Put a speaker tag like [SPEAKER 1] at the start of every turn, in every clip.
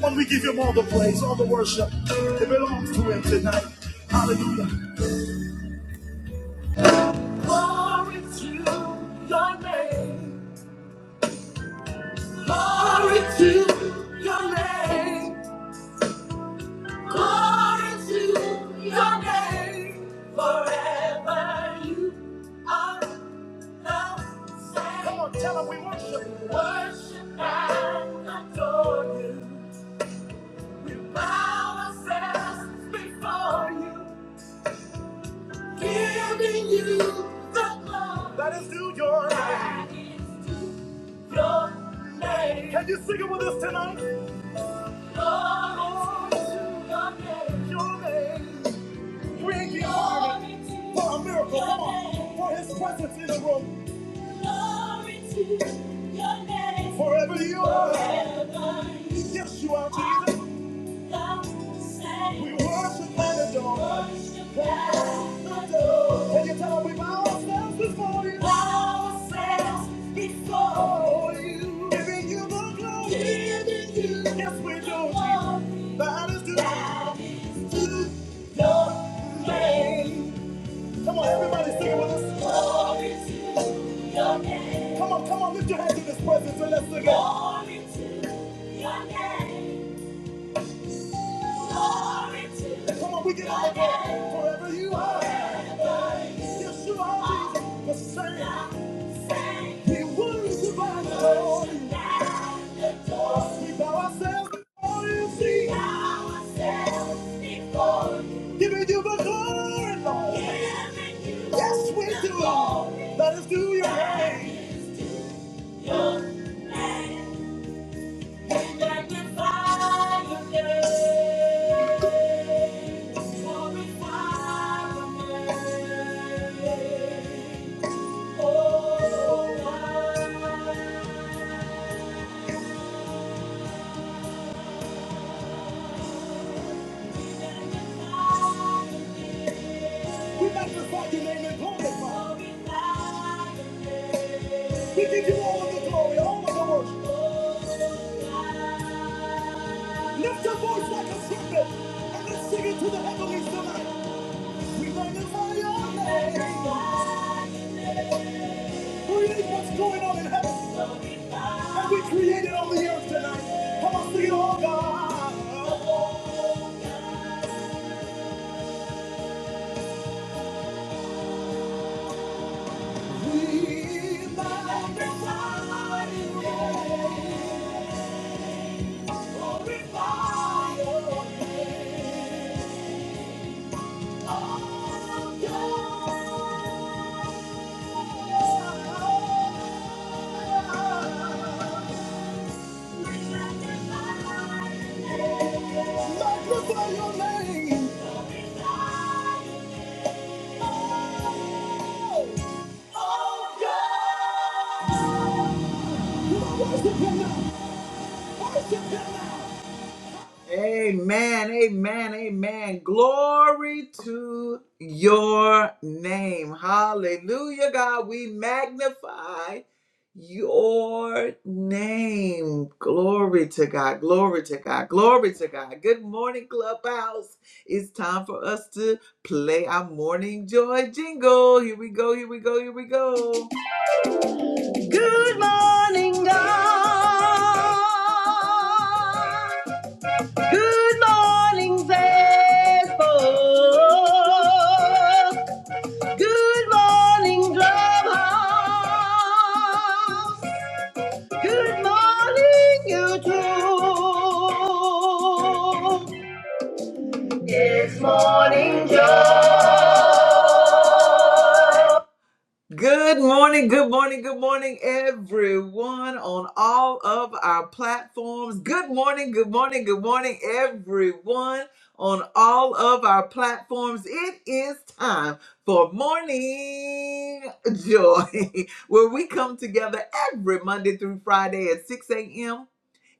[SPEAKER 1] Lord, we give him all the praise, all the worship. It belongs to him tonight. Hallelujah. Glory to your name. Glory to your name. Glory to your name. Forever you are the same. Come on, tell him we worship. Worship and adore you. We bow ourselves before you. Giving you the love that is due your name. That is due your name. Can you sing it with us tonight? Glory to your name. Your name. Bring the army for a miracle. Come on. name. For his presence in the room. Glory to your name. Forever you are. Forever. Yes, you are Jesus. We worship at at the the door. At the door. Can you tell time. We bow ourselves before you. Bow ourselves before you. Giving you the glory. Giving you yes, we do. Jesus. That is due. That is due your name. Come on, everybody, sing it with us. Glory to your name. Come on, come on, lift your hands in this presence and let's sing it. Glory to your name. And come on, we get on the board. Forever you are. Yes, you are, Jesus. The same. He will by the Lord. We bow ourselves before you. See. Giving you the glory, Lord. Yes, we do. Let us do your name. We magnify your name and glorify. We give you all of the glory, all of the worship. Lift your voice like a trumpet and let's sing it to the heavenlies tonight. We magnify your name. We Create what's going on in heaven. And we created on the earth tonight. Come on, sing it, oh God. We magnify your name. Glorify your name. Oh God. Magnify your name. Oh God. Worship him now. Worship him now. Amen, amen, amen. Glory to your name. Hallelujah, God. We magnify your name. Glory to God. Glory to God. Glory to God. Good morning, Clubhouse. It's time for us to play our morning joy jingle. Here we go. Here we go. Here we go. Good morning, God. Good morning, Facebook. Good morning, Clubhouse. Good morning, YouTube. It's morning, Joe. Good morning, good morning, good morning, everyone on all of our platforms. Good morning, good morning, good morning, everyone on all of our platforms. It is time for Morning Joy, where we come together every Monday through Friday at 6 a.m.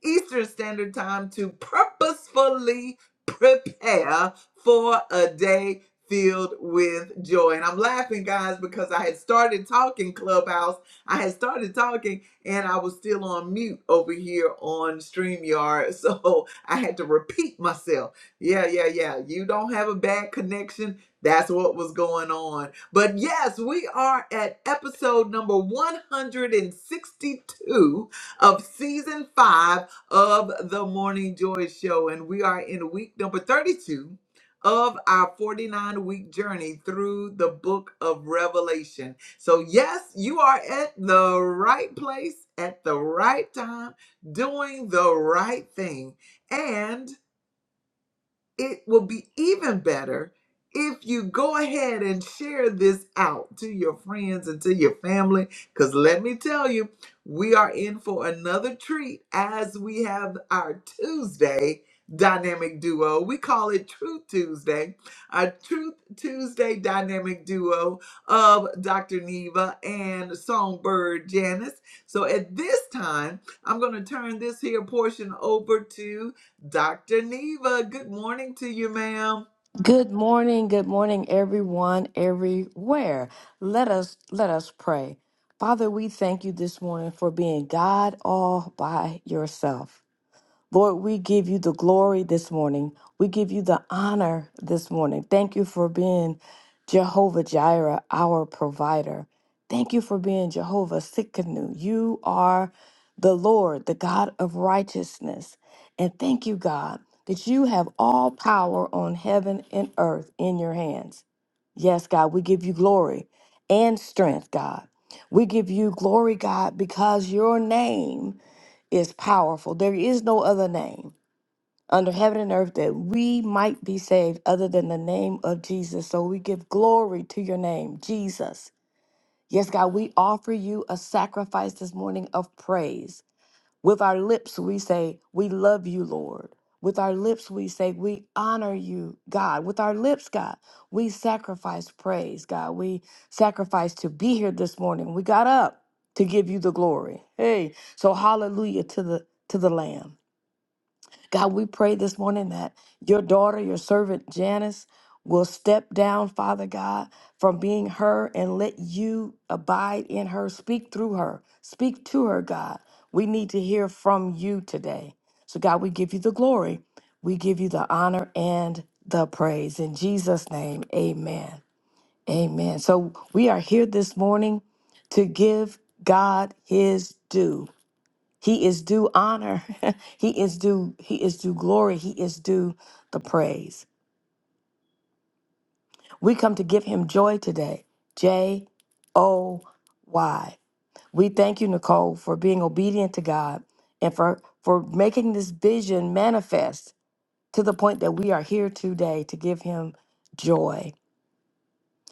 [SPEAKER 1] Eastern Standard Time to purposefully prepare for a day filled with joy. And I'm laughing, guys, because I had started talking Clubhouse. I had started talking and I was still on mute over here on StreamYard. So I had to repeat myself. Yeah, yeah, yeah. You don't have a bad connection. That's what was going on. But yes, we are at episode number 162 of season five of the Morning Joy Show. And we are in week number 32 of our 49 week journey through the book of Revelation. So, yes, you are at the right place at the right time, doing the right thing. And it will be even better if you go ahead and share this out to your friends and to your family. Because let me tell you, we are in for another treat as we have our Tuesday dynamic duo. We call it Truth Tuesday, our Truth Tuesday dynamic duo of Dr. Neva and Songbird Janice. So at this time, I'm going to turn this here portion over to. Dr. Neva, good morning to you, ma'am.
[SPEAKER 2] Good morning, good morning, everyone, everywhere. Let us let us pray. Father, we thank you this morning for being God all by yourself. Lord, we give you the glory this morning. We give you the honor this morning. Thank you for being Jehovah Jireh, our provider. Thank you for being Jehovah Sikkenu. You are the Lord, the God of righteousness. And thank you, God, that you have all power on heaven and earth in your hands. Yes, God, we give you glory and strength, God. We give you glory, God, because your name is powerful. There is no other name under heaven and earth that we might be saved other than the name of Jesus. So we give glory to your name, Jesus. Yes, God, we offer you a sacrifice this morning of praise. With our lips, we say, We love you, Lord. With our lips, we say, We honor you, God. With our lips, God, we sacrifice praise, God. We sacrifice to be here this morning. We got up to give you the glory. Hey, so hallelujah to the to the Lamb. God, we pray this morning that your daughter, your servant Janice, will step down, Father God, from being her and let you abide in her. Speak through her, speak to her, God. We need to hear from you today. So, God, we give you the glory, we give you the honor and the praise. In Jesus' name, amen. Amen. So, we are here this morning to give God his due. He is due honor. he is due he is due glory. He is due the praise. We come to give him joy today. J O Y. We thank you Nicole for being obedient to God and for for making this vision manifest to the point that we are here today to give him joy.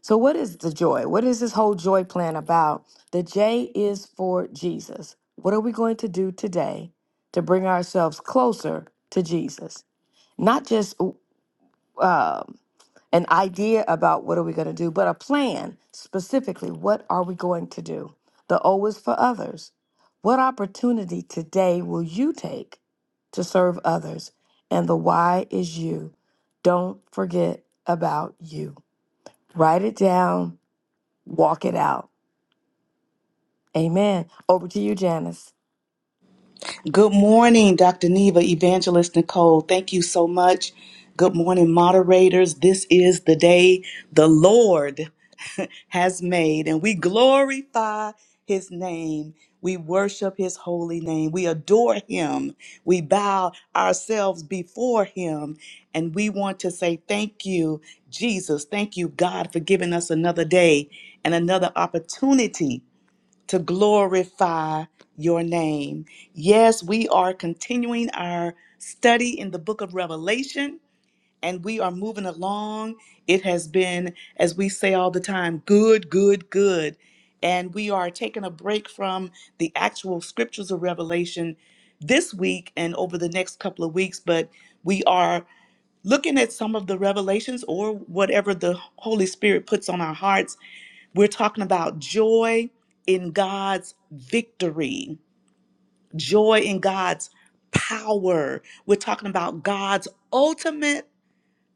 [SPEAKER 2] So, what is the joy? What is this whole joy plan about? The J is for Jesus. What are we going to do today to bring ourselves closer to Jesus? Not just uh, an idea about what are we going to do, but a plan specifically. What are we going to do? The O is for others. What opportunity today will you take to serve others? And the Y is you. Don't forget about you. Write it down walk it out. Amen. Over to you, Janice.
[SPEAKER 3] Good morning, Dr. Neva, Evangelist Nicole. Thank you so much. Good morning, moderators. This is the day the Lord has made, and we glorify his name. We worship his holy name. We adore him. We bow ourselves before him. And we want to say thank you, Jesus. Thank you, God, for giving us another day and another opportunity to glorify your name. Yes, we are continuing our study in the book of Revelation and we are moving along. It has been, as we say all the time, good, good, good. And we are taking a break from the actual scriptures of Revelation this week and over the next couple of weeks, but we are looking at some of the revelations or whatever the Holy Spirit puts on our hearts we're talking about joy in God's victory, joy in God's power. We're talking about God's ultimate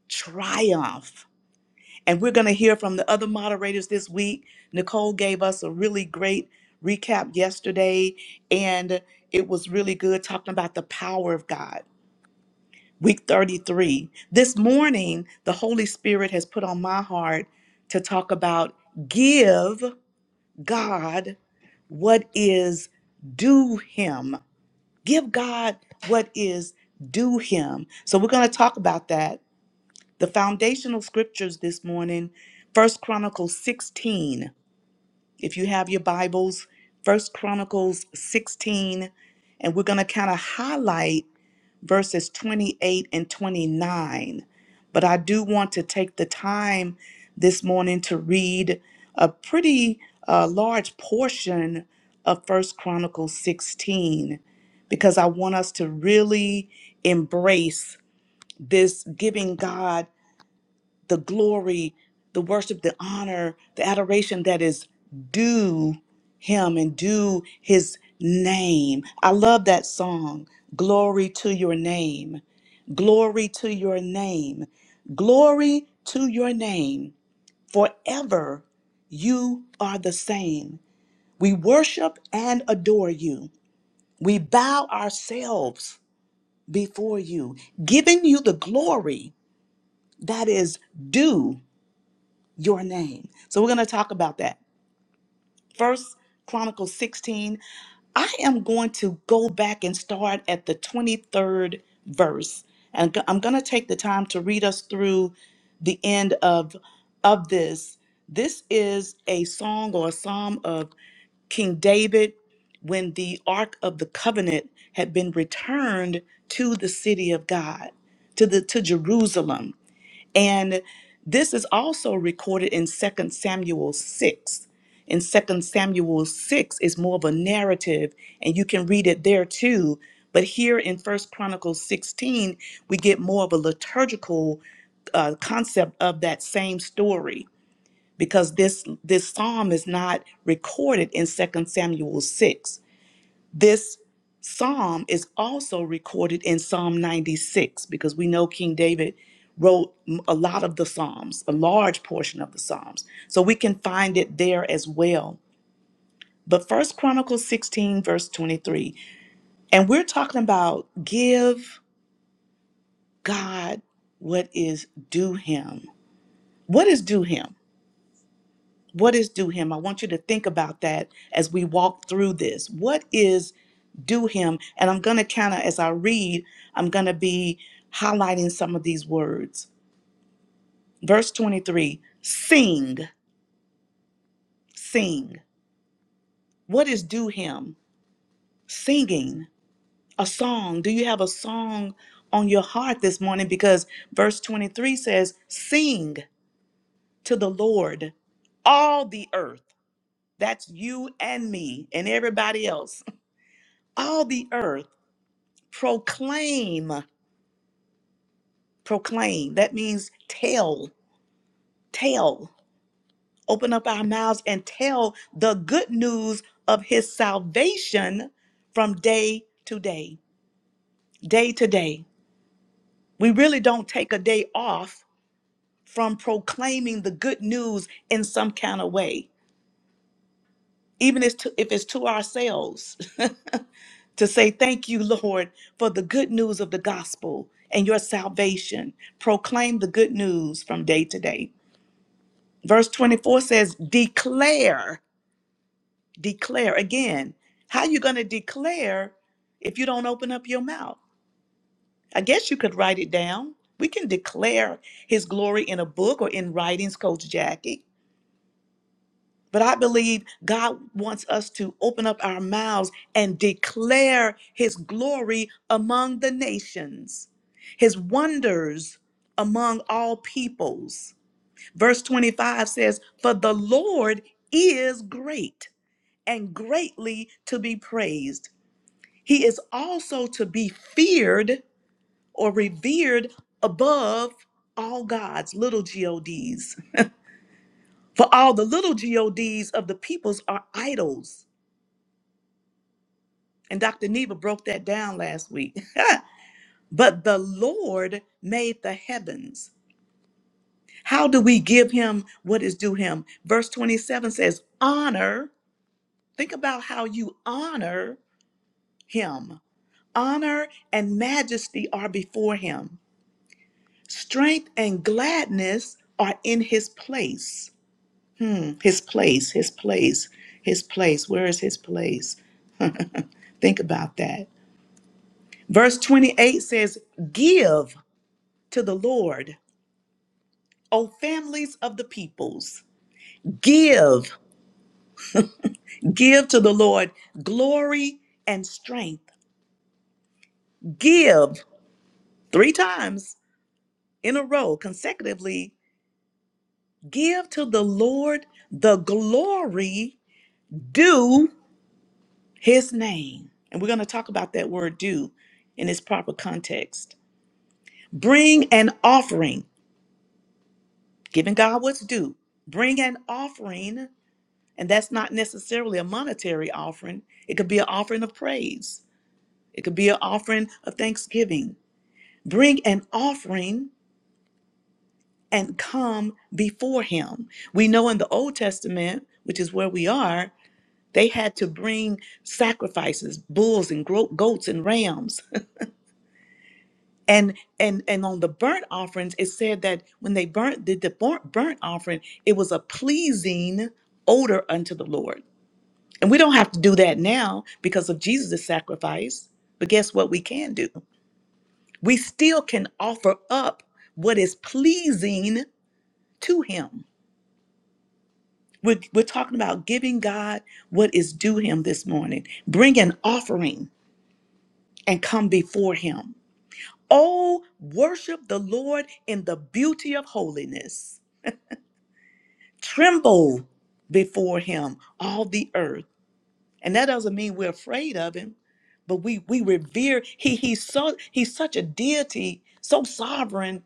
[SPEAKER 3] triumph. And we're going to hear from the other moderators this week. Nicole gave us a really great recap yesterday, and it was really good talking about the power of God. Week 33. This morning, the Holy Spirit has put on my heart to talk about give. God what is due him. Give God what is due him. So we're going to talk about that. The foundational scriptures this morning, First Chronicles 16. If you have your Bibles, First Chronicles 16, and we're going to kind of highlight verses 28 and 29. But I do want to take the time this morning to read a pretty uh, large portion of First Chronicles 16 because I want us to really embrace this giving God the glory, the worship, the honor, the adoration that is due him and due his name. I love that song. Glory to your name. Glory to your name. Glory to your name. Forever you are the same. We worship and adore you. We bow ourselves before you, giving you the glory that is due your name. So we're going to talk about that. First Chronicles 16. I am going to go back and start at the 23rd verse. And go- I'm going to take the time to read us through the end of of this. This is a song or a psalm of King David when the ark of the covenant had been returned to the city of God, to the to Jerusalem. And this is also recorded in Second Samuel 6. In Second Samuel 6 is more of a narrative, and you can read it there too. But here in First Chronicles 16, we get more of a liturgical uh, concept of that same story because this this psalm is not recorded in Second Samuel 6. This psalm is also recorded in Psalm 96 because we know King David wrote a lot of the psalms, a large portion of the psalms. So we can find it there as well. But First Chronicles 16 verse 23. And we're talking about give God what is due him. What is due him? What is due him? I want you to think about that as we walk through this. What is due him? And I'm going to kind of, as I read, I'm going to be highlighting some of these words. Verse 23 Sing, sing. What is due him? Singing a song. Do you have a song on your heart this morning? Because verse 23 says, Sing to the Lord, all the earth. That's you and me and everybody else. All the earth proclaim proclaim that means tell tell open up our mouths and tell the good news of his salvation from day to day day to day we really don't take a day off from proclaiming the good news in some kind of way even if it's to, if it's to ourselves to say thank you lord for the good news of the gospel and your salvation proclaim the good news from day to day Verse 24 says, declare, declare again. How you going to declare if you don't open up your mouth? I guess you could write it down. We can declare his glory in a book or in writings, Coach Jackie. But I believe God wants us to open up our mouths and declare his glory among the nations, his wonders among all peoples. Verse 25 says, For the Lord is great and greatly to be praised. He is also to be feared or revered above all gods, little gods. For all the little gods of the peoples are idols. And Dr. Neva broke that down last week. but the Lord made the heavens. How do we give him what is due him? Verse 27 says, Honor. Think about how you honor him. Honor and majesty are before him Strength and gladness are in his place. Mm, His place, his place, his place. Where is his place? Think about that. Verse 28 says, Give to the Lord, O families of the peoples. Give, give to the Lord glory and strength. Give three times in a row consecutively. Give to the Lord the glory due His name, and we're going to talk about that word due in its proper context. Bring an offering, giving God what's due. Bring an offering, and that's not necessarily a monetary offering, it could be an offering of praise, it could be an offering of thanksgiving. Bring an offering and come before Him. We know in the Old Testament, which is where we are, they had to bring sacrifices, bulls and gro- goats and rams and and and on the burnt offerings it said that when they burnt did the burnt, burnt offering it was a pleasing odor unto the lord and we don't have to do that now because of jesus' sacrifice but guess what we can do we still can offer up what is pleasing to him we're, we're talking about giving god what is due him this morning bring an offering and come before him oh worship the lord in the beauty of holiness Tremble before him, all the earth. And that doesn't mean we're afraid of him, but we we revere. He he's so he's such a deity, so sovereign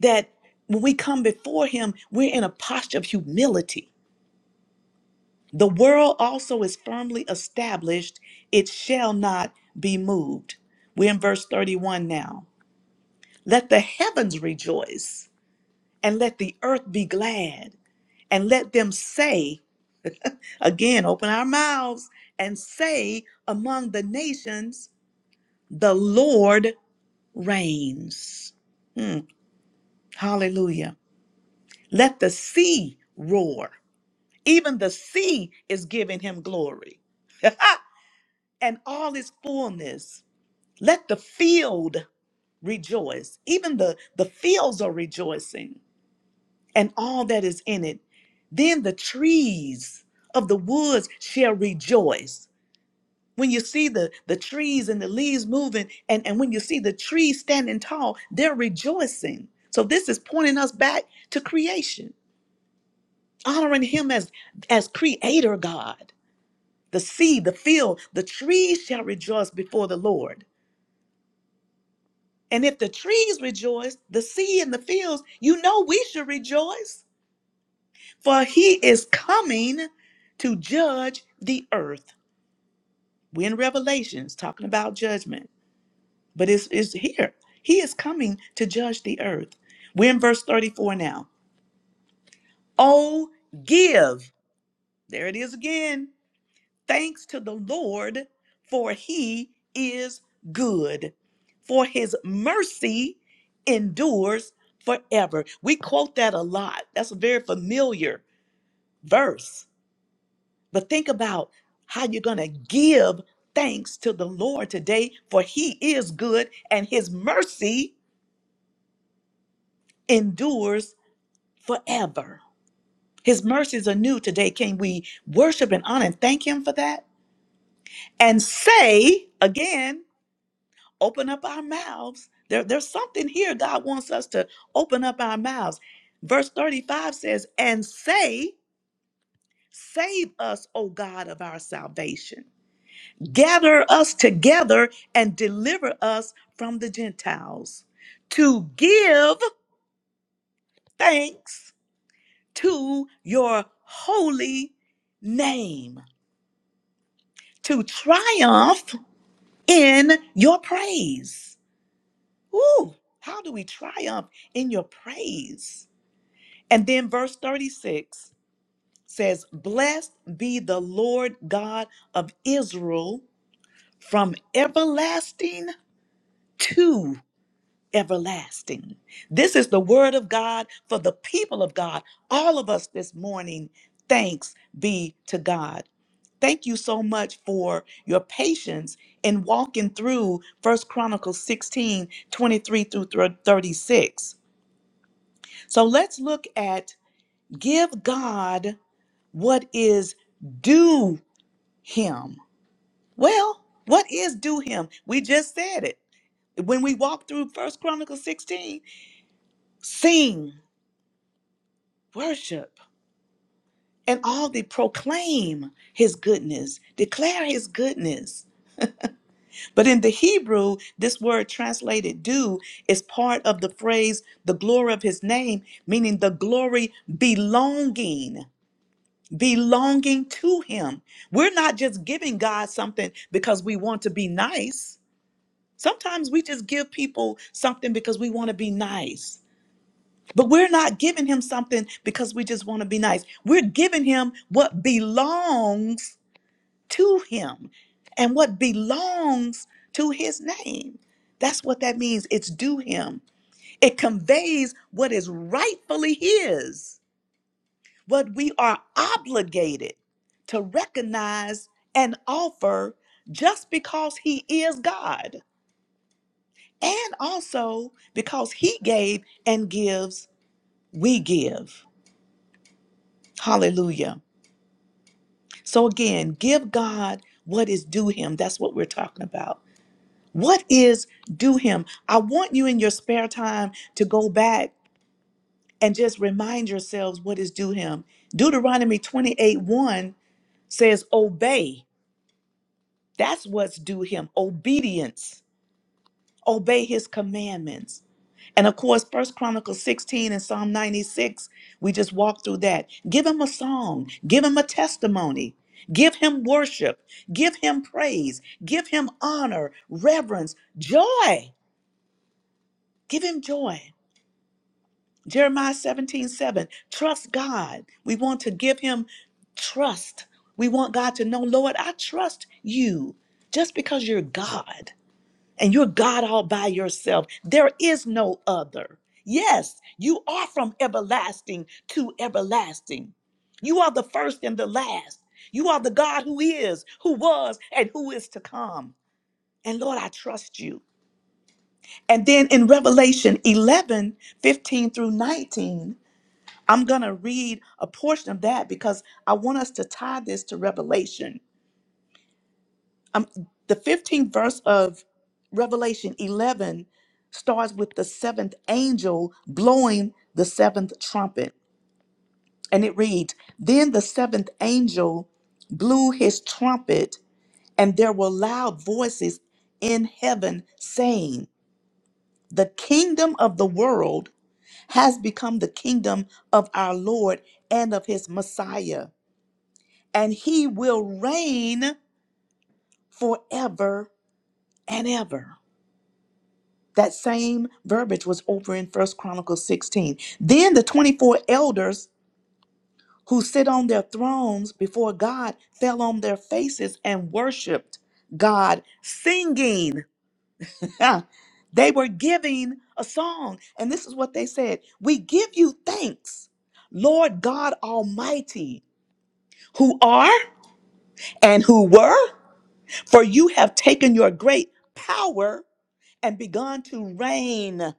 [SPEAKER 3] that when we come before him, we're in a posture of humility. The world also is firmly established, it shall not be moved. We're in verse 31 now. Let the heavens rejoice, and let the earth be glad, and let them say, Again, open our mouths and say among the nations, the Lord reigns. Hmm, hallelujah. Let the sea roar. Even the sea is giving him glory and all His fullness. Let the field rejoice. Even the, the fields are rejoicing and all that is in it. Then the trees of the woods shall rejoice when you see the the trees and the leaves moving and and when you see the trees standing tall they're rejoicing so this is pointing us back to creation honoring him as as creator god the sea the field the trees shall rejoice before the lord and if the trees rejoice the sea and the fields you know we should rejoice for he is coming to judge the earth we're in revelations talking about judgment but it's, it's here. He is coming to judge the earth. We're in verse 34 now. Oh, give, there it is again, thanks to the Lord, for he is good, for his mercy endures forever. We quote that a lot. That's a very familiar verse. But think about how you're going to give thanks to the Lord today, for he is good and his mercy endures forever. His mercies are new today. Can we worship and honor and thank Him for that? And say again, open up our mouths. There, there's something here God wants us to open up our mouths. Verse 35 says, And say, Save us, O God of our salvation. Gather us together and deliver us from the Gentiles to give thanks to your holy name to triumph in your praise. Ooh, how do we triumph in your praise? And then verse 36 says, Blessed be the Lord God of Israel from everlasting to." everlasting. This is the word of God for the people of God. All of us this morning, thanks be to God. Thank you so much for your patience in walking through First Chronicles 16 23 through 36. So let's look at give God what is due him. Well, what is due him? We just said it. When we walked through First Chronicles 16, sing worship and all they proclaim his goodness declare his goodness but in the hebrew this word translated do is part of the phrase the glory of his name meaning the glory belonging belonging to him we're not just giving god something because we want to be nice sometimes we just give people something because we want to be nice But we're not giving him something because we just want to be nice. We're giving him what belongs to him and what belongs to his name. That's what that means. It's due him. It conveys what is rightfully his, what we are obligated to recognize and offer just because he is God. And also because he gave and gives, we give. Hallelujah. So again, give God what is due him. That's what we're talking about. What is due him? I want you in your spare time to go back and just remind yourselves what is due him. Deuteronomy 28 1 says, Obey. That's what's due him. Obedience. obey his commandments. And of course, First Chronicles 16 and Psalm 96, we just walked through that. Give him a song, give him a testimony, give him worship, give him praise, give him honor, reverence, joy. Give him joy. Jeremiah 17 7. trust God. We want to give him trust. We want God to know, Lord, I trust you just because you're God and you're God all by yourself. There is no other. Yes, you are from everlasting to everlasting. You are the first and the last. You are the God who is, who was, and who is to come. And Lord, I trust you. And then in Revelation 11 15 through 19, I'm going to read a portion of that because I want us to tie this to Revelation. um, the 15th verse of Revelation 11 starts with the seventh angel blowing the seventh trumpet. And it reads Then the seventh angel blew his trumpet, and there were loud voices in heaven saying, The kingdom of the world has become the kingdom of our Lord and of his Messiah, and he will reign forever and ever. That same verbiage was over in First Chronicles 16. Then the 24 elders who sit on their thrones before God fell on their faces and worshiped God, singing. they were giving a song. And this is what they said We give you thanks, Lord God Almighty, who are and who were, for you have taken your great power and begun to reign.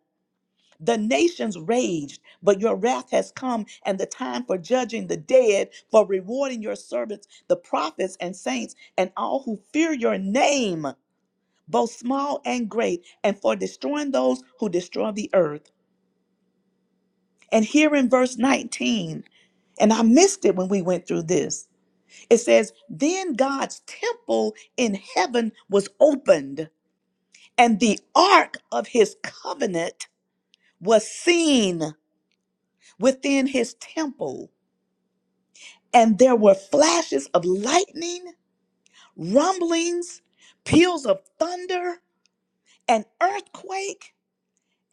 [SPEAKER 3] The nations raged, but your wrath has come, and the time for judging the dead, for rewarding your servants, the prophets and saints, and all who fear your name, both small and great, and for destroying those who destroy the earth. And here in verse 19, and I missed it when we went through this. It says, Then God's temple in heaven was opened, and the ark of his covenant was seen within his temple. And there were flashes of lightning, rumblings, peals of thunder, an earthquake,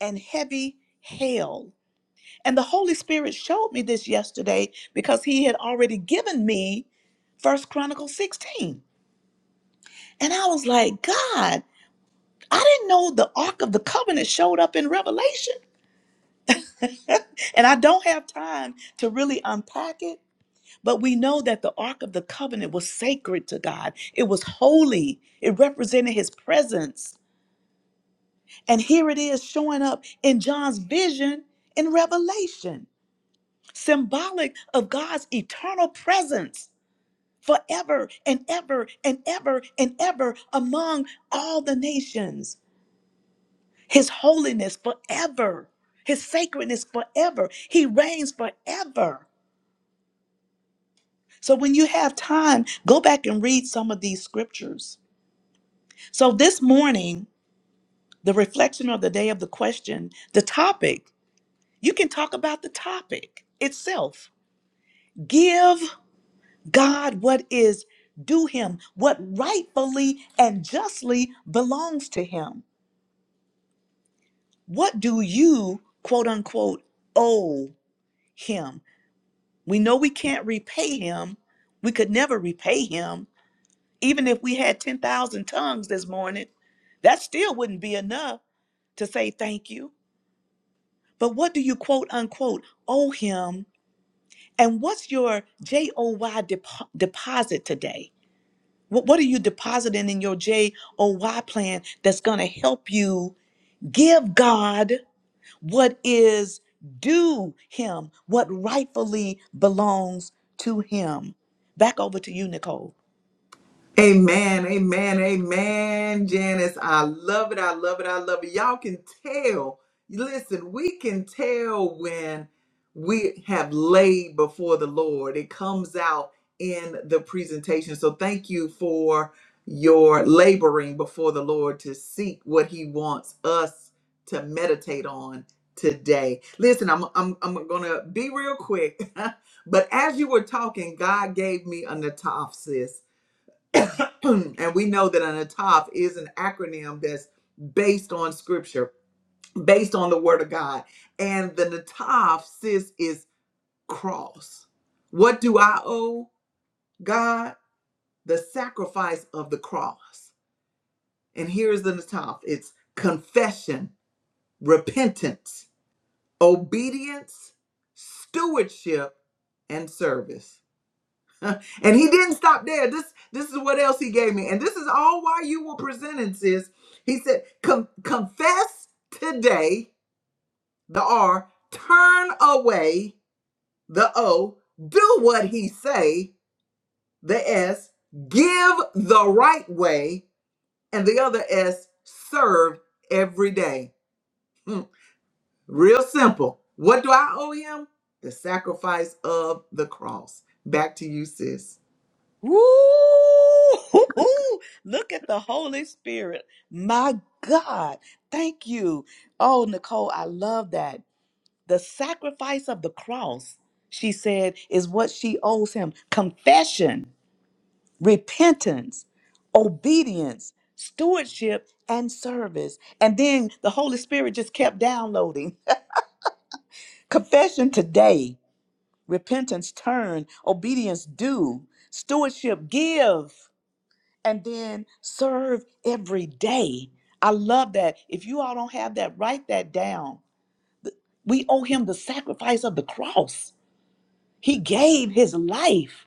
[SPEAKER 3] and heavy hail. And the Holy Spirit showed me this yesterday because he had already given me First Chronicles 16. And I was like, God, I didn't know the Ark of the Covenant showed up in Revelation. and I don't have time to really unpack it. But we know that the Ark of the Covenant was sacred to God. It was holy. It represented his presence. And here it is showing up in John's vision in Revelation, symbolic of God's eternal presence forever and ever and ever and ever among all the nations. His holiness forever, his sacredness forever. He reigns forever. So when you have time, go back and read some of these scriptures So this morning, the reflection of the day of the question, the topic, you can talk about the topic itself. Give God what is due him, what rightfully and justly belongs to him. What do you, quote unquote, owe him? We know we can't repay him. We could never repay him. Even if we had 10,000 tongues this morning, that still wouldn't be enough to say thank you. But what do you quote unquote owe him? And what's your J O Y depo- deposit today? What, what are you depositing in your J O Y plan that's going to help you give God what is due him, what rightfully belongs to him? Back over to you, Nicole.
[SPEAKER 1] Amen, amen, amen, Janice. I love it. I love it. I love it. Y'all can tell. Listen, we can tell when we have laid before the Lord. It comes out in the presentation. So thank you for your laboring before the Lord to seek what He wants us to meditate on today. Listen, I'm I'm I'm gonna be real quick. but as you were talking, God gave me a natopsis and we know that an ataf is an acronym that's based on scripture, based on the word of God. And the nataf, sis, is cross. What do I owe God? The sacrifice of the cross. And here's the nataf it's confession, repentance, obedience, stewardship, and service. And he didn't stop there. This this is what else he gave me. And this is all why you were presented, sis. He said, "Con- confess today the R, turn away the O, do what he say, the S, give the right way, and the other S, serve every day. Hmm. Real simple. What do I owe him? The sacrifice of the cross. Back to you, sis.
[SPEAKER 3] Woo! Look at the Holy Spirit. My God. Thank you. Oh, Nicole, I love that The sacrifice of the cross, she said, is what she owes him confession, repentance, obedience, stewardship, and service. And then the Holy Spirit just kept downloading. confession today, repentance turn, obedience do, stewardship give, and then serve every day. I love that. If you all don't have that, write that down. We owe him the sacrifice of the cross He gave his life.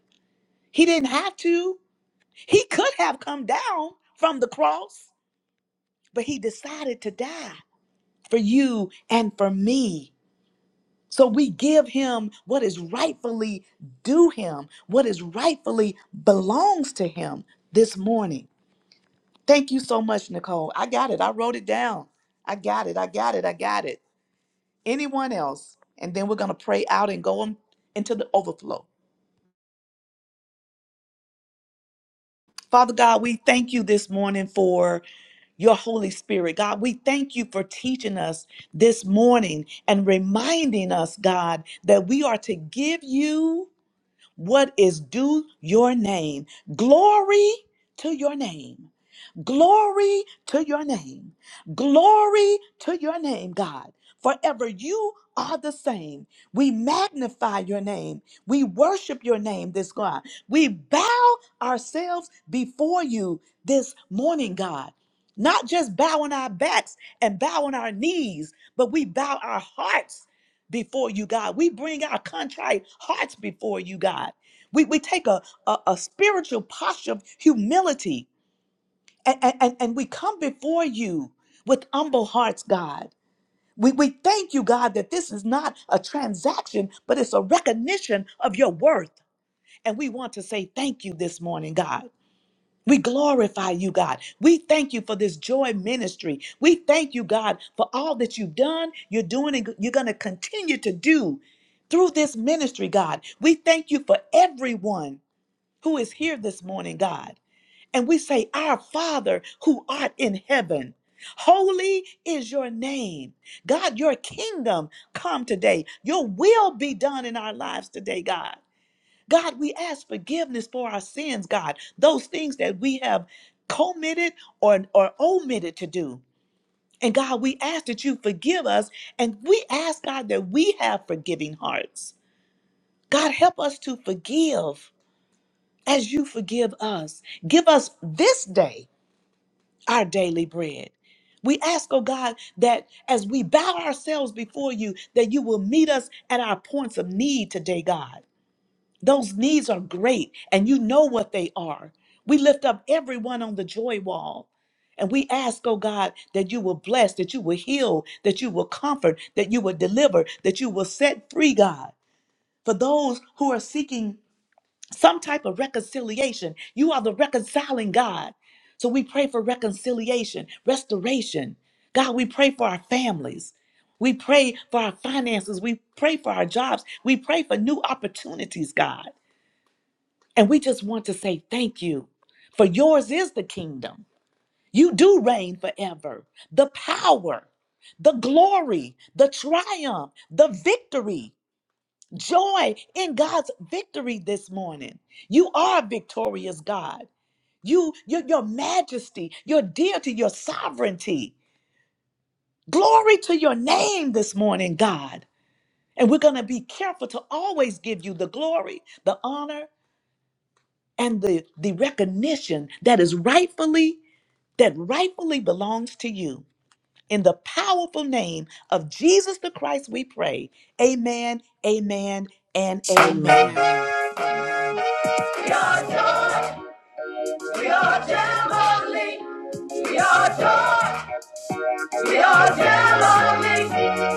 [SPEAKER 3] He didn't have to. He could have come down from the cross, but he decided to die for you and for me. So we give him what is rightfully due him, what is rightfully belongs to him this morning. Thank you so much, Nicole. I got it. I wrote it down. I got it. I got it. I got it. Anyone else? And then we're going to pray out and go on into the overflow. Father God, we thank you this morning for your Holy Spirit. God, we thank you for teaching us this morning and reminding us, God, that we are to give you what is due your name. Glory to your name. Glory to your name. Glory to your name, God. Forever you are the same. We magnify your name. We worship your name, this God. We bow ourselves before you this morning, God. Not just bowing our backs and bowing our knees, but we bow our hearts before you, God. We bring our contrite hearts before you, God. We, we take a, a, a spiritual posture of humility and, and, and and we come before you with humble hearts, God. We, we thank you, God, that this is not a transaction, but it's a recognition of your worth. And we want to say thank you this morning, God. We glorify you, God. We thank you for this joy ministry. We thank you, God, for all that you've done, you're doing, and you're going to continue to do through this ministry, God. We thank you for everyone who is here this morning, God and we say, Our Father who art in heaven, holy is your name. God, your kingdom come today. Your will be done in our lives today, God. God, we ask forgiveness for our sins, God, those things that we have committed or, or omitted to do. And God, we ask that you forgive us. And we ask, God, that we have forgiving hearts. God, help us to forgive as you forgive us. Give us this day our daily bread. We ask, oh God, that as we bow ourselves before you, that you will meet us at our points of need today, God. Those needs are great, and you know what they are. We lift up everyone on the joy wall. And we ask, oh God, that you will bless, that you will heal, that you will comfort, that you will deliver, that you will set free, God, for those who are seeking some type of reconciliation. You are the reconciling God. So we pray for reconciliation, restoration. God, we pray for our families. We pray for our finances. We pray for our jobs. We pray for new opportunities, God. And we just want to say thank you, for yours is the kingdom. You do reign forever. The power, the glory, the triumph, the victory joy in God's victory this morning. You are a victorious God. You, your, your majesty, your deity, your sovereignty. Glory to your name this morning, God. And we're going to be careful to always give you the glory, the honor, and the, the recognition that is rightfully, that rightfully belongs to you. In the powerful name of Jesus the Christ, we pray. Amen, amen, and amen.
[SPEAKER 1] Amen. We are Jam-O-Lee. We are joy. We are Jam-O-Lee.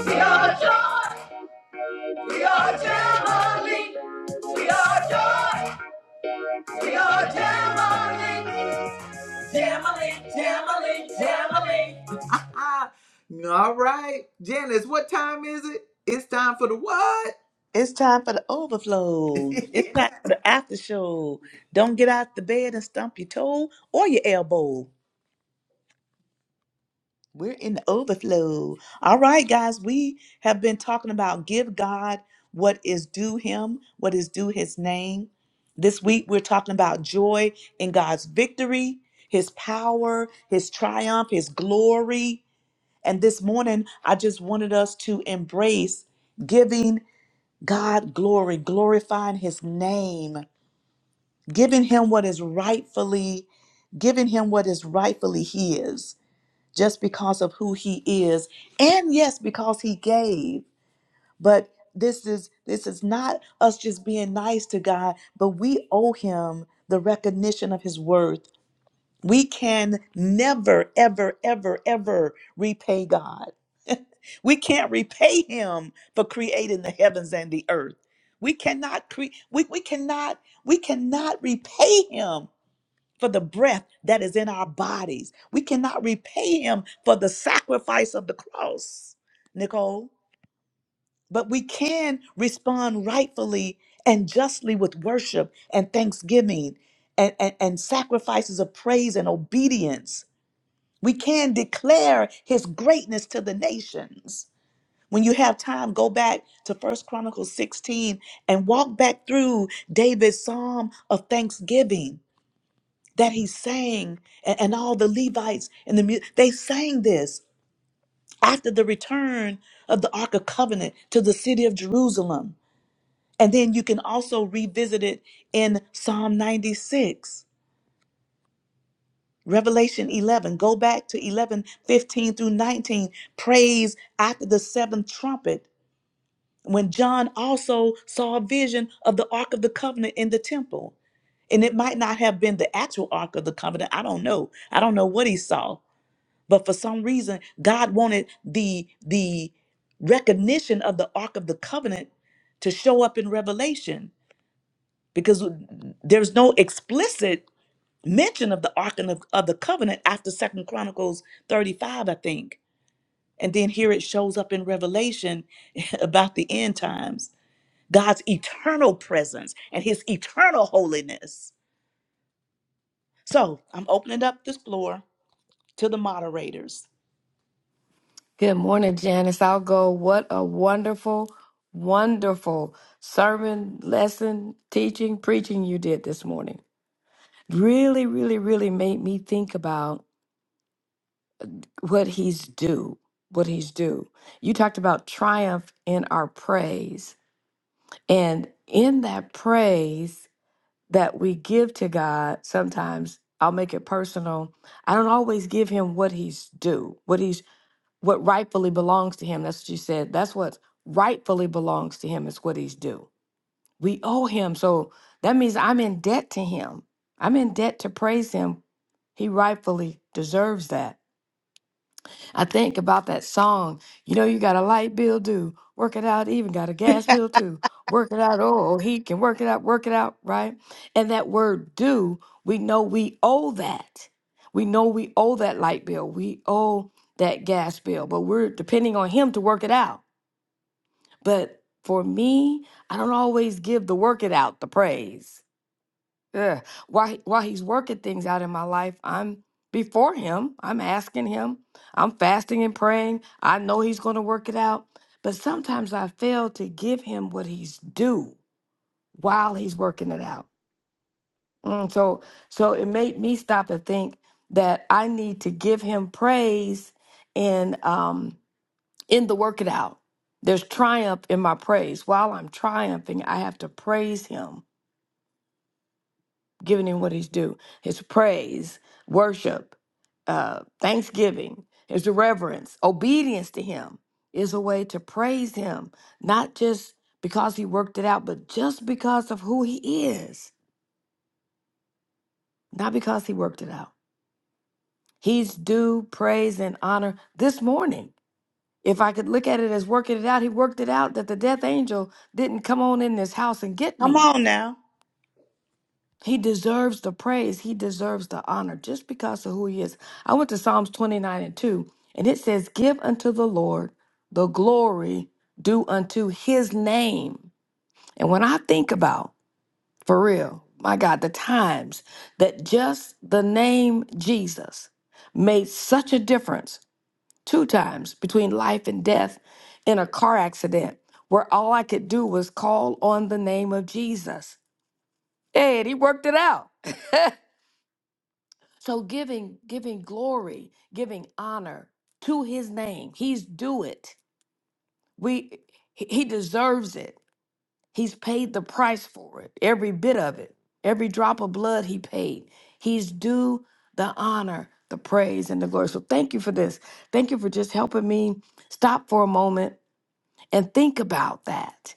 [SPEAKER 1] We are joy. We are Jam-O-Lee. We are joy. We are Jam-O-Lee. Jam-O-Lee, Jam-O-Lee, Jam-O-Lee. All right, Janice, what time is it? It's time for the what?
[SPEAKER 3] It's time for the overflow. It's time for the after show. Don't get out the bed and stump your toe or your elbow. We're in the overflow. All right, guys, we have been talking about give God what is due him, what is due his name. This week, we're talking about joy in God's victory, his power, his triumph, his glory. And this morning, I just wanted us to embrace giving. God glory, glorifying his name, giving him what is rightfully, giving him what is rightfully his, just because of who he is. And yes, because he gave. But this is this is not us just being nice to God, but we owe him the recognition of his worth. We can never, ever, ever, ever repay God. We can't repay him for creating the heavens and the earth. We cannot cre- we, we cannot we cannot repay him for the breath that is in our bodies. We cannot repay him for the sacrifice of the cross, Nicole. But we can respond rightfully and justly with worship and thanksgiving and, and, and sacrifices of praise and obedience. We can declare his greatness to the nations. When you have time, go back to First Chronicles 16 and walk back through David's psalm of thanksgiving that he sang, and, and all the Levites and the mu- they sang this after the return of the Ark of Covenant to the city of Jerusalem. And then you can also revisit it in Psalm 96. Revelation 11, go back to 11:15 through 19. Praise after the seventh trumpet when John also saw a vision of the Ark of the Covenant in the temple. And it might not have been the actual Ark of the Covenant. I don't know. I don't know what he saw. But for some reason, God wanted the the recognition of the Ark of the Covenant to show up in Revelation because there's no explicit mention of the Ark of, of the Covenant after Second Chronicles 35, I think. And then here it shows up in Revelation about the end times God's eternal presence and his eternal holiness. So I'm opening up this floor to the moderators.
[SPEAKER 2] Good morning, Janice. I'll go. What a wonderful, wonderful sermon, lesson, teaching, preaching you did this morning. Really, really, really made me think about what he's due. What he's due. You talked about triumph in our praise. And in that praise that we give to God, sometimes I'll make it personal. I don't always give him what he's due, what he's what rightfully belongs to him. That's what you said. That's what rightfully belongs to him is what he's due. We owe him. So that means I'm in debt to him. I'm in debt to praise him. He rightfully deserves that. I think about that song. You know, you got a light bill due. Work it out. Even got a gas bill too. Work it out. Oh, oh, he can work it out. Work it out. Right. And that word due, we know we owe that. We know we owe that light bill. We owe that gas bill, but we're depending on him to work it out. But for me, I don't always give the work it out the praise. Yeah. While he- while he's working things out in my life, I'm before him. I'm asking him. I'm fasting and praying. I know he's going to work it out, but sometimes I fail to give him what he's due while he's working it out. Mm, so so it made me stop and think that I need to give him praise in um in the work it out. There's triumph in my praise. While I'm triumphing, I have to praise him giving him what he's due his praise, worship, uh, thanksgiving, his reverence, obedience to him is a way to praise him, not just because he worked it out, but just because of who he is, not because he worked it out. He's due praise and honor this morning. If I could look at it as working it out, he worked it out that the death angel didn't come on in this house and get
[SPEAKER 3] Come
[SPEAKER 2] me.
[SPEAKER 3] on now.
[SPEAKER 2] He deserves the praise. He deserves the honor just because of who he is. I went to Psalms 29 and 2, and it says, Give unto the Lord the glory due unto his name. And when I think about, for real, my God, the times that just the name Jesus made such a difference two times between life and death in a car accident where all I could do was call on the name of Jesus. Hey, and he worked it out. So giving giving glory, giving honor to his name. He's due it. We he he deserves it. He's paid the price for it. Every bit of it. Every drop of blood he paid. He's due the honor, the praise and the glory. So thank you for this. Thank you for just helping me stop for a moment and think about that.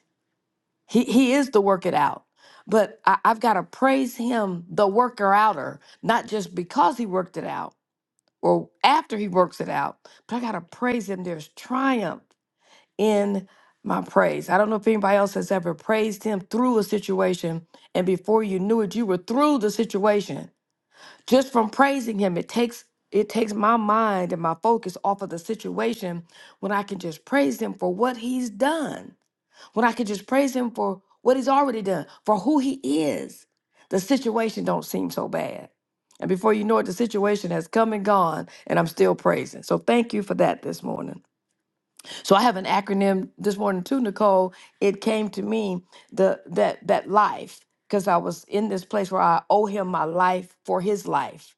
[SPEAKER 2] He he is the work it out. But I, I've got to praise him, the worker outer, not just because he worked it out or after he works it out. But I got to praise him. There's triumph in my praise. I don't know if anybody else has ever praised him through a situation and before you knew it you were through the situation. Just from praising him it takes it takes my mind and my focus off of the situation when I can just praise him for what he's done when I could just praise him for what he's already done, for who he is, the situation don't seem so bad. And before you know it, the situation has come and gone, and I'm still praising. So thank you for that this morning. So I have an acronym this morning too, Nicole. It came to me the that that life, because I was in this place where I owe him my life for his life.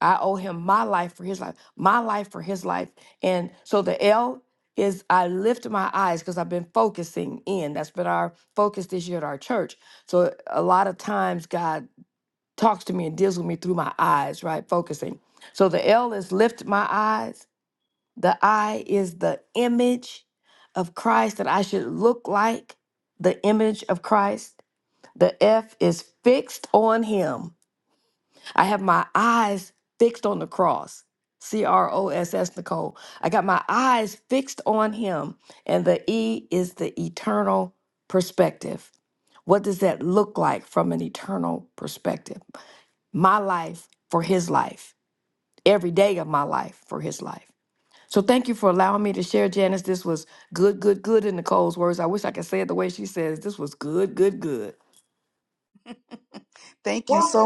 [SPEAKER 2] I owe him my life for his life, my life for his life. And so the L is I lift my eyes because I've been focusing in. That's been our focus this year at our church. So a lot of times God talks to me and deals with me through my eyes, right? Focusing. So the L is lift my eyes. The I is the image of Christ that I should look like, the image of Christ. The F is fixed on him. I have my eyes fixed on the cross. C R O S S, Nicole. I got my eyes fixed on him. And the E is the eternal perspective. What does that look like from an eternal perspective? My life for his life, every day of my life for his life. So thank you for allowing me to share, Janice. This was good, good, good in Nicole's words. I wish I could say it the way she says. This was good, good, good.
[SPEAKER 3] Thank you so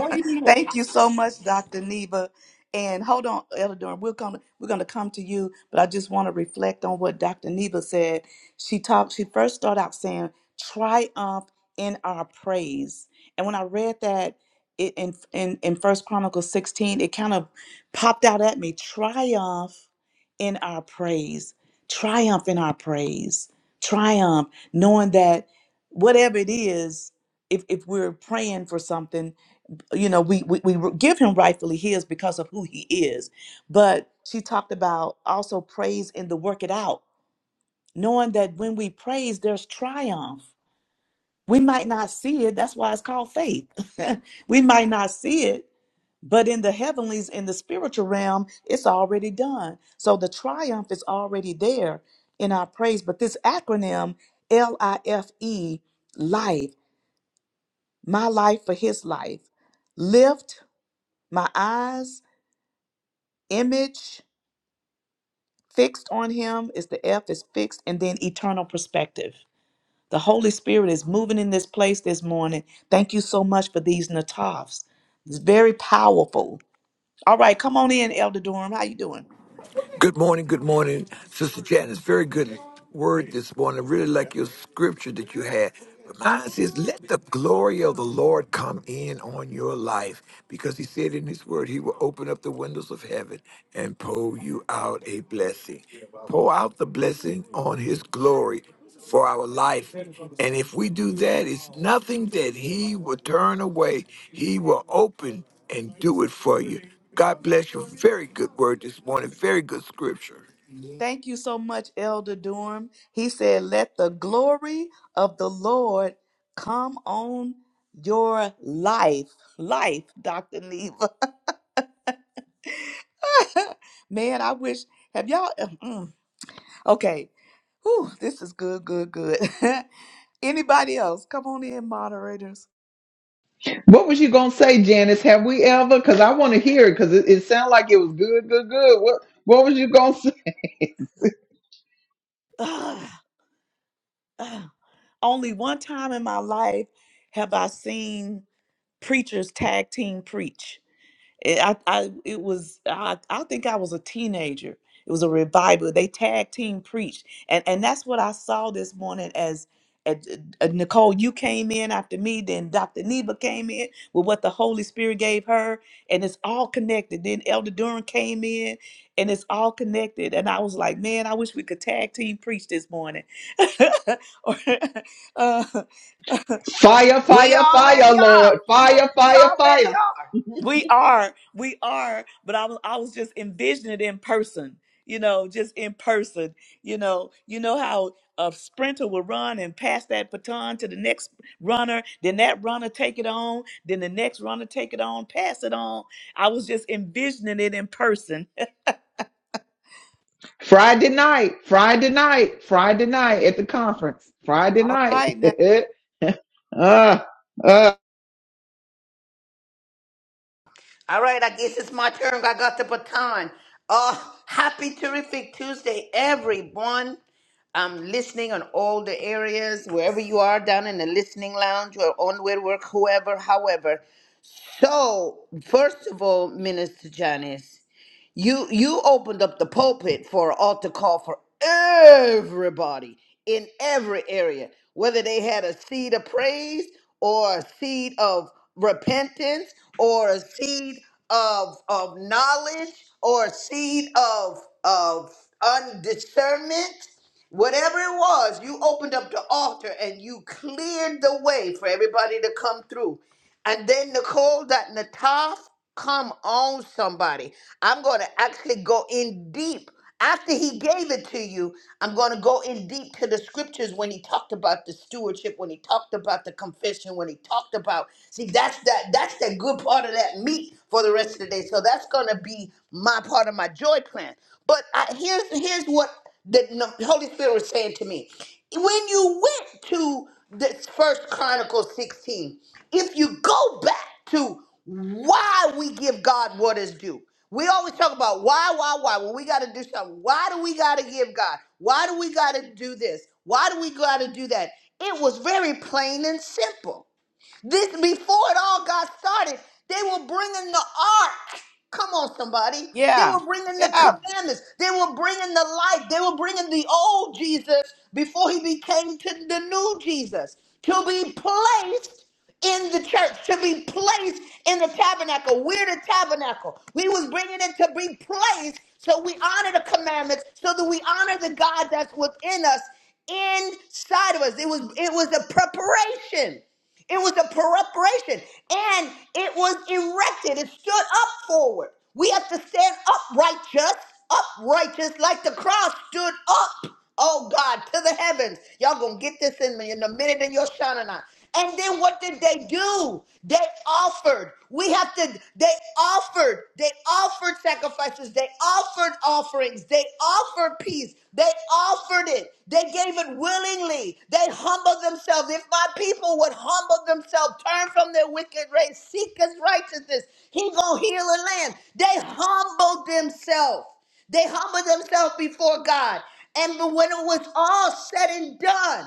[SPEAKER 3] Thank you so much, Dr. Neva. And hold on, Elder Durham, we're gonna we're gonna come to you, but I just want to reflect on what Dr. Neva said. She talked, she first started out saying, triumph in our praise. And when I read that it, in in in First Chronicles 16, it kind of popped out at me. Triumph in our praise. Triumph in our praise. Triumph, knowing that whatever it is, if if we're praying for something you know we, we we give him rightfully his because of who he is but she talked about also praise in the work it out knowing that when we praise there's triumph we might not see it that's why it's called faith we might not see it but in the heavenlies in the spiritual realm it's already done so the triumph is already there in our praise but this acronym l-i-f-e life my life for his life lift my eyes image fixed on him is the F is fixed, and then eternal perspective. The Holy Spirit is moving in this place this morning. Thank you so much for these natafs. It's very powerful. All right, come on in, Elder Durham. How you doing?
[SPEAKER 4] Good morning, good morning, Sister Janice. Very good word this morning. I really like your scripture that you had. But Mine says, Let the glory of the Lord come in on your life, because he said in his word, he will open up the windows of heaven and pour you out a blessing. Pour out the blessing on his glory for our life. And if we do that, it's nothing that he will turn away. He will open and do it for you. God bless you. Very good word this morning. Very good scripture.
[SPEAKER 3] Thank you so much, Elder Durham. He said, "Let the glory of the Lord come on your life." Life, Dr. Neva. Man, I wish have y'all Okay. Whew, this is good, good, good. Anybody else? Come on in, moderators.
[SPEAKER 1] What was you gonna say, Janice? Have we ever? Because I want to hear it. Because it, it sounded like it was good, good, good. What What was you gonna say?
[SPEAKER 3] Ugh, ugh. Only one time in my life have I seen preachers tag team preach. It, I, I, it was, I, I think I was a teenager. It was a revival. They tag team preached. And, and that's what I saw this morning as, as uh, Nicole, you came in after me, then Dr. Neva came in with what the Holy Spirit gave her. And it's all connected. Then Elder Durham came in and it's all connected. And I was like, man, I wish we could tag team preach this morning. Or, uh,
[SPEAKER 1] Fire,
[SPEAKER 5] We
[SPEAKER 1] fire, fire,
[SPEAKER 5] already are.
[SPEAKER 1] Lord.
[SPEAKER 5] You,
[SPEAKER 1] Fire,
[SPEAKER 5] we
[SPEAKER 1] fire,
[SPEAKER 5] already
[SPEAKER 1] fire.
[SPEAKER 5] are.
[SPEAKER 3] We are, we are, but I was I was just envisioning it in person, you know, just in person. You know, you know how a sprinter will run and pass that baton to the next runner, then that runner take it on, then the next runner take it on, pass it on. I was just envisioning it in person.
[SPEAKER 1] Friday night, Friday night, Friday night at the conference. Friday
[SPEAKER 3] All
[SPEAKER 1] night.
[SPEAKER 3] right now.
[SPEAKER 1] uh, uh,
[SPEAKER 5] All right, I guess it's my turn. I got the baton. Uh, happy terrific Tuesday, everyone. I'm listening on all the areas, wherever you are, down in the listening lounge or on where work, whoever, however. So, first of all, Minister Janice, you you opened up the pulpit for an altar call for everybody in every area, whether they had a seed of praise or a seed of repentance or a seed of of knowledge or a seed of of undiscernment. Whatever it was, you opened up the altar and you cleared the way for everybody to come through. And then Nicole, that Nataf, come on, somebody. I'm going to actually go in deep. After he gave it to you, I'm going to go in deep to the scriptures when he talked about the stewardship, when he talked about the confession, when he talked about see that's that that's the good part of that meat for the rest of the day. So that's going to be my part of my joy plan. But I, here's here's what that the Holy Spirit was saying to me. When you went to this first Chronicles 16, if you go back to why we give God what is due, we always talk about why, why, why. Well, we got to do something. Why do we got to give God? Why do we got to do this? Why do we got to do that? It was very plain and simple. This before it all got started, they were bringing the ark. Come on, somebody. They
[SPEAKER 3] Yeah.
[SPEAKER 5] were bringing the
[SPEAKER 3] Yeah.
[SPEAKER 5] commandments. They were bringing the light. They were bringing the old Jesus before he became to the new Jesus to be placed in the church, to be placed in the tabernacle. We're the tabernacle. We was bringing it to be placed so we honor the commandments, so that we honor the God that's within us, inside of us. It was it was a preparation. It was a preparation and it was erected. It stood up forward. We have to stand upright, just upright, just like the cross stood up, oh God, to the heavens. Y'all gonna get this in me in a minute in your Shanana. And then what did they do? They offered. We have to, they offered. They offered sacrifice sacrifices. They offered offerings. They offered peace. They offered it. They gave it willingly. They humbled themselves. If my people would humble themselves, turn from their wicked ways, seek his righteousness, he gonna heal the land. They humbled themselves. They humbled themselves before God. And when it was all said and done,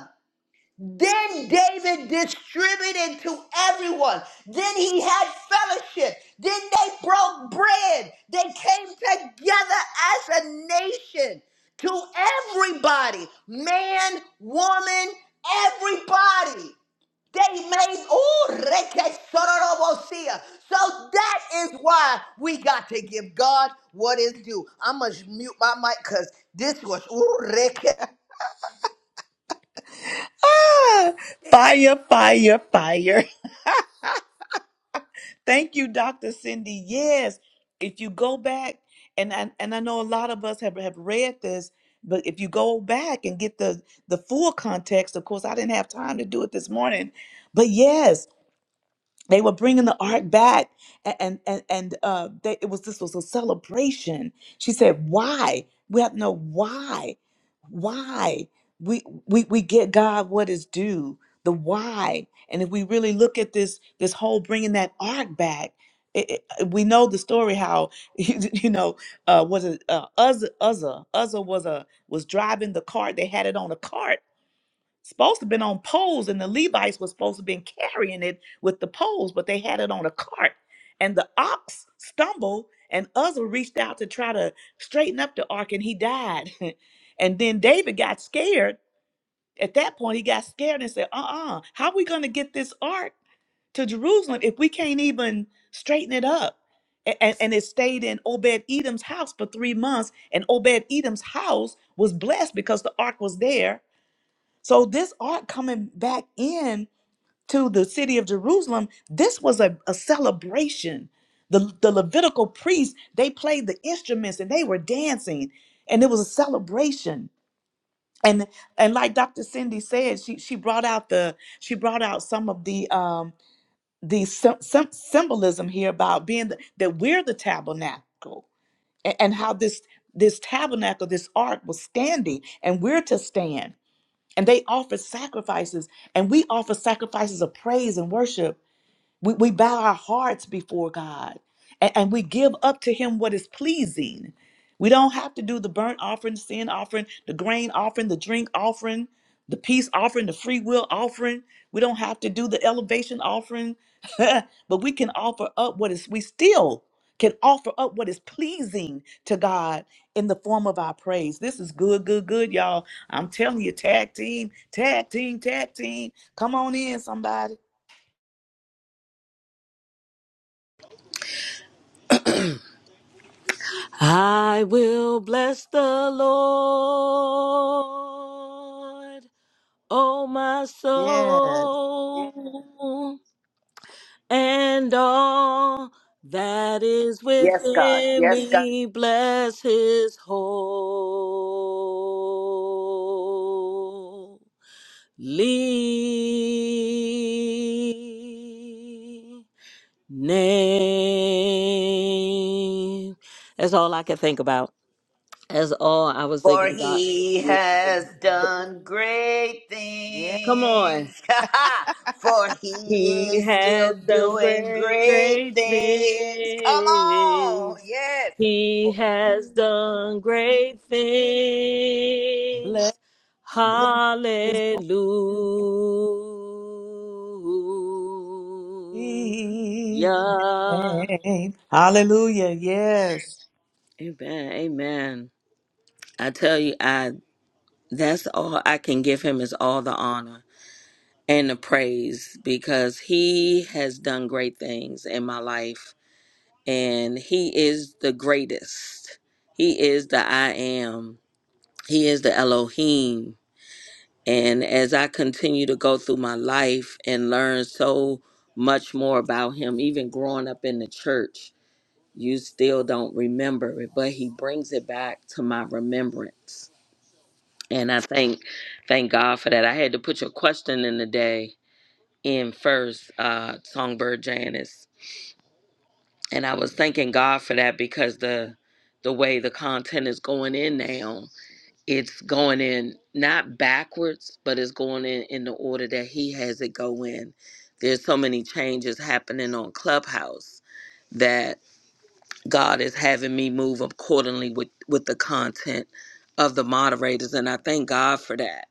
[SPEAKER 5] then David distributed to everyone. Then he had fellowship. Then they broke bread. They came together as a nation to everybody man, woman, everybody. They made, oh, rekesorobosia. so that is why we got to give God what is due. I'm going to mute my mic because this was, ooh, reke-
[SPEAKER 3] Ah, fire, fire, fire. Thank you, Dr. Cindy. Yes, if you go back, and I, and I know a lot of us have, have read this, but if you go back and get the, the full context, of course, I didn't have time to do it this morning. But yes, they were bringing the ark back a- and and and uh they, it was this was a celebration she said why we have to know why why we we we get god what is due the why and if we really look at this this whole bringing that ark back it, it, we know the story how you know uh was it uh Uzzah, Uzzah Uzzah was a was driving the cart they had it on a cart supposed to been on poles and the levites was supposed to been carrying it with the poles but they had it on a cart and the ox stumbled and uzzah reached out to try to straighten up the ark and he died and then david got scared at that point he got scared and said uh-uh how we gonna get this ark to jerusalem if we can't even straighten it up A- and, and it stayed in obed-edom's house for three months and obed-edom's house was blessed because the ark was there so this ark coming back in to the city of Jerusalem, this was a, a celebration. The, the Levitical priests, they played the instruments and they were dancing. And it was a celebration. And and like Dr. Cindy said, she she brought out the she brought out some of the um the sym- sym- symbolism here about being the, that we're the tabernacle and, and how this this tabernacle, this ark was standing, and we're to stand and they offer sacrifices and we offer sacrifices of praise and worship we, we bow our hearts before God and, and we give up to Him what is pleasing. We don't have to do the burnt offering, sin offering, the grain offering, the drink offering, the peace offering, the free will offering. We don't have to do the elevation offering, but we can offer up what is, we still can offer up what is pleasing to God in the form of our praise. This is good, good, good, y'all. I'm telling you, tag team, tag team, tag team. Come on in, somebody.
[SPEAKER 6] I will bless the Lord, O my soul, and all that is
[SPEAKER 5] Yes, God.
[SPEAKER 6] within
[SPEAKER 5] Yes, God.
[SPEAKER 6] me, bless his holy name. That's all I can think about. That's all I was
[SPEAKER 5] For
[SPEAKER 6] thinking about. is
[SPEAKER 5] he
[SPEAKER 6] you had
[SPEAKER 5] has done
[SPEAKER 6] done-
[SPEAKER 5] great
[SPEAKER 3] Yes,
[SPEAKER 6] Come on.
[SPEAKER 5] things. For he
[SPEAKER 6] He
[SPEAKER 5] is
[SPEAKER 6] has
[SPEAKER 5] still
[SPEAKER 6] done
[SPEAKER 5] doing
[SPEAKER 6] great,
[SPEAKER 5] great
[SPEAKER 6] great
[SPEAKER 5] things. Come on.
[SPEAKER 6] things.
[SPEAKER 5] Yes.
[SPEAKER 6] He has done great
[SPEAKER 3] bless
[SPEAKER 6] things.
[SPEAKER 3] his
[SPEAKER 6] Hallelujah.
[SPEAKER 3] name. Hallelujah. Yes.
[SPEAKER 6] Amen. Amen. I tell you, I that's all I can give him is all the honor. and the praise because he has done great things in my life and he is the greatest. He is the I am. He is the Elohim. And as I continue to go through my life and learn so much more about him, even growing up in the church, you still don't remember it, but he brings it back to my remembrance. And I thank thank God for that. I had to put your question in the day in first uh songbird janice and i was thanking god for that because the the way the content is going in now it's going in not backwards but it's going in in the order that he has it go in there's so many changes happening on clubhouse that god is having me move accordingly with with the content of the moderators and i thank god for that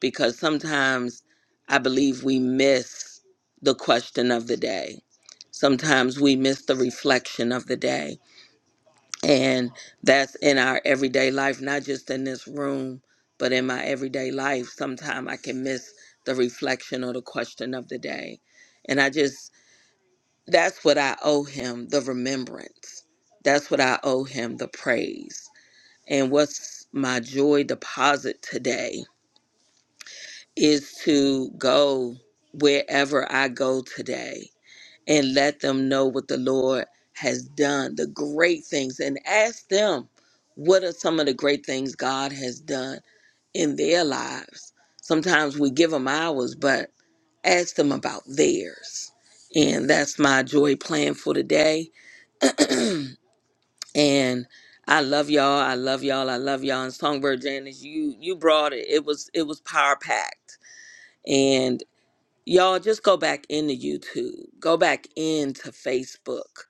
[SPEAKER 6] because sometimes I believe we miss the question of the day. Sometimes we miss the reflection of the day. And that's in our everyday life, not just in this room, but in my everyday life. Sometimes I can miss the reflection or the question of the day. And I just, that's what I owe him the remembrance. That's what I owe him the praise. And what's my joy deposit today? is to go wherever I go today and let them know what the Lord has done, the great things, and ask them what are some of the great things God has done in their lives. Sometimes we give them ours, but ask them about theirs. And that's my joy plan for today. And I love y'all. I love y'all. I love y'all. And Songbird Janice, you you brought it. It was it was power packed and. Y'all just go back into YouTube, go back into Facebook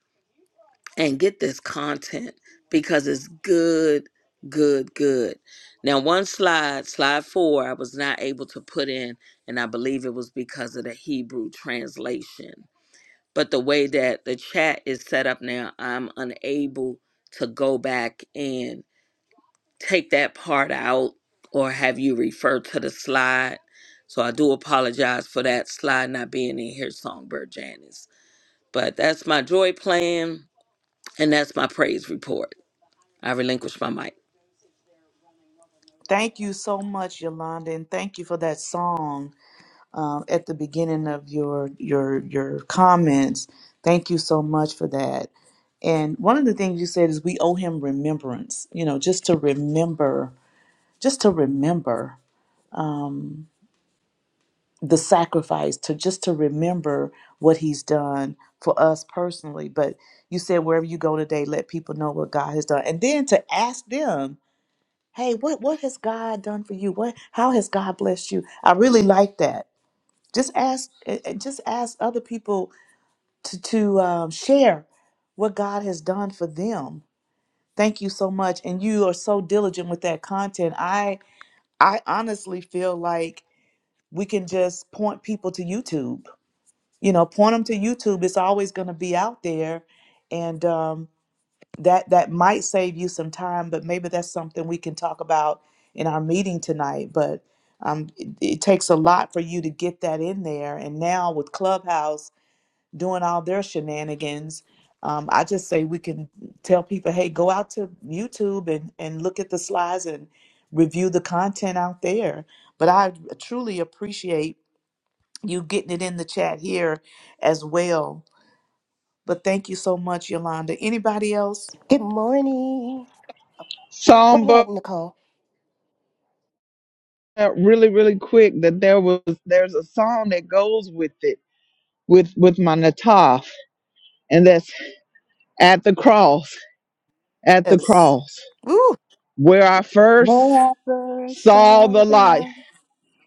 [SPEAKER 6] and get this content because it's good, good, good. Now, one slide, slide four, I was not able to put in, and I believe it was because of the Hebrew translation. But the way that the chat is set up now, I'm unable to go back in take that part out or have you refer to the slide. So I do apologize for that slide not being in here, Songbird Janice. But that's my joy plan and that's my praise report. I relinquish my mic.
[SPEAKER 3] Thank you so much, Yolanda, and thank you for that song um, at the beginning of your your your comments. Thank you so much for that. And one of the things you said is we owe him remembrance. You know, just to remember, just to remember. um, the sacrifice to just to remember what he's done for us personally but you said wherever you go today let people know what god has done and then to ask them hey what what has god done for you what how has god blessed you i really like that just ask eh, eh, just ask other people to to um, share what god has done for them thank you so much and you are so diligent with that content i i honestly feel like we can just point people to youtube you know point them to youtube it's always going to be out there and um, that that might save you some time but maybe that's something we can talk about in our meeting tonight but um, it, it takes a lot for you to get that in there and now with clubhouse doing all their shenanigans um, i just say we can tell people hey go out to youtube and, and look at the slides and review the content out there but i truly appreciate you getting it in the chat here as well but thank you so much, Yolanda. Anybody else?
[SPEAKER 7] Good morning. Go
[SPEAKER 1] song,
[SPEAKER 7] ahead, Nicole.
[SPEAKER 1] really, really quick that there was, there's a song that goes with it, with, with my Nataf. And that's at the cross, at the
[SPEAKER 3] Yes.
[SPEAKER 1] cross
[SPEAKER 3] Ooh,
[SPEAKER 1] where I first
[SPEAKER 8] Where I first
[SPEAKER 1] saw
[SPEAKER 8] saw
[SPEAKER 1] the
[SPEAKER 8] the
[SPEAKER 1] light.
[SPEAKER 8] light.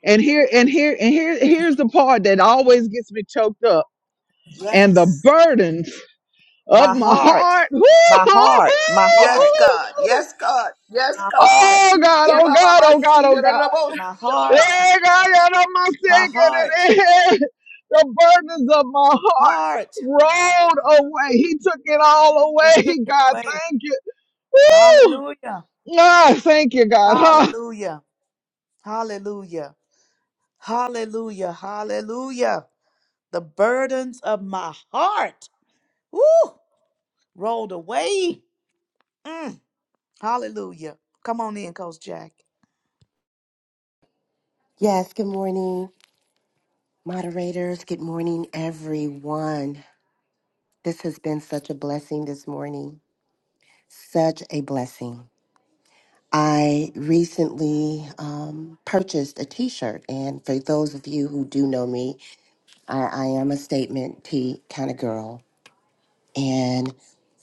[SPEAKER 1] And here, and here, and here, here's the part that always gets me choked up and the burdens Up
[SPEAKER 3] my
[SPEAKER 1] my
[SPEAKER 3] heart,
[SPEAKER 1] heart. Woo!
[SPEAKER 3] my
[SPEAKER 1] hoo,
[SPEAKER 3] heart, my
[SPEAKER 5] Yes,
[SPEAKER 3] heart,
[SPEAKER 5] God.
[SPEAKER 1] hoo, hoo.
[SPEAKER 5] Yes, God. Yes,
[SPEAKER 3] my
[SPEAKER 5] God.
[SPEAKER 3] heart,
[SPEAKER 1] Oh God,
[SPEAKER 5] Yeah,
[SPEAKER 1] oh
[SPEAKER 5] Baba,
[SPEAKER 1] God,
[SPEAKER 5] I
[SPEAKER 1] oh
[SPEAKER 5] see
[SPEAKER 1] God, oh
[SPEAKER 5] you.
[SPEAKER 1] God.
[SPEAKER 3] my heart,
[SPEAKER 1] Yeah, God, God, I'm not
[SPEAKER 3] my
[SPEAKER 1] sick of
[SPEAKER 3] heart,
[SPEAKER 1] it. Eh, The burdens of my
[SPEAKER 3] heart.
[SPEAKER 1] heart rolled away. He took it all
[SPEAKER 3] He
[SPEAKER 1] away.
[SPEAKER 3] took it
[SPEAKER 1] God,
[SPEAKER 3] away.
[SPEAKER 1] thank you. Woo!
[SPEAKER 3] Hallelujah.
[SPEAKER 1] Ah, thank you, God. Huh?
[SPEAKER 3] Hallelujah. Hallelujah. Hallelujah. Hallelujah. The burdens of my heart. Woo! Rolled away. Mm. Hallelujah. Come on in, Coach Jack.
[SPEAKER 7] Yes, good morning, moderators. Good morning, everyone. This has been such a blessing this morning. Such a blessing. I recently um, purchased a t shirt, and for those of you who do know me, I, I am a statement tee kind of girl. And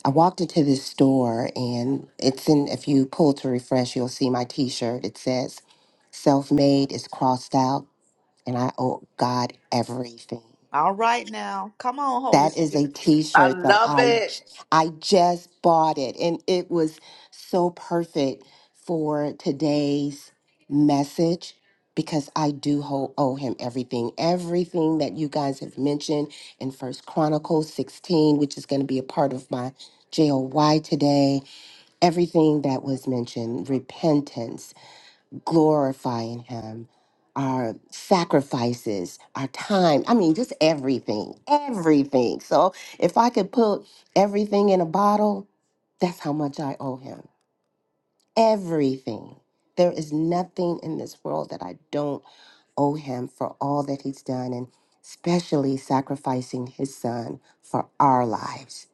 [SPEAKER 7] I walked into this store, and it's in, if you pull to refresh, you'll see my t shirt. It says, Self made is crossed out and I owe God everything.
[SPEAKER 3] All right now. Come on, Holy
[SPEAKER 7] That is a
[SPEAKER 3] Spirit.
[SPEAKER 5] I
[SPEAKER 7] t-shirt that
[SPEAKER 5] love
[SPEAKER 7] I
[SPEAKER 5] it.
[SPEAKER 7] I just bought it and it was so perfect for today's message because I do ho- owe him everything. Everything that you guys have mentioned in First Chronicles 16, which is going to be a part of my JOY today, everything that was mentioned, repentance, glorifying him our sacrifices our time i mean just everything everything so if i could put everything in a bottle that's how much i owe him everything there is nothing in this world that i don't owe him for all that he's done and especially sacrificing his son for our lives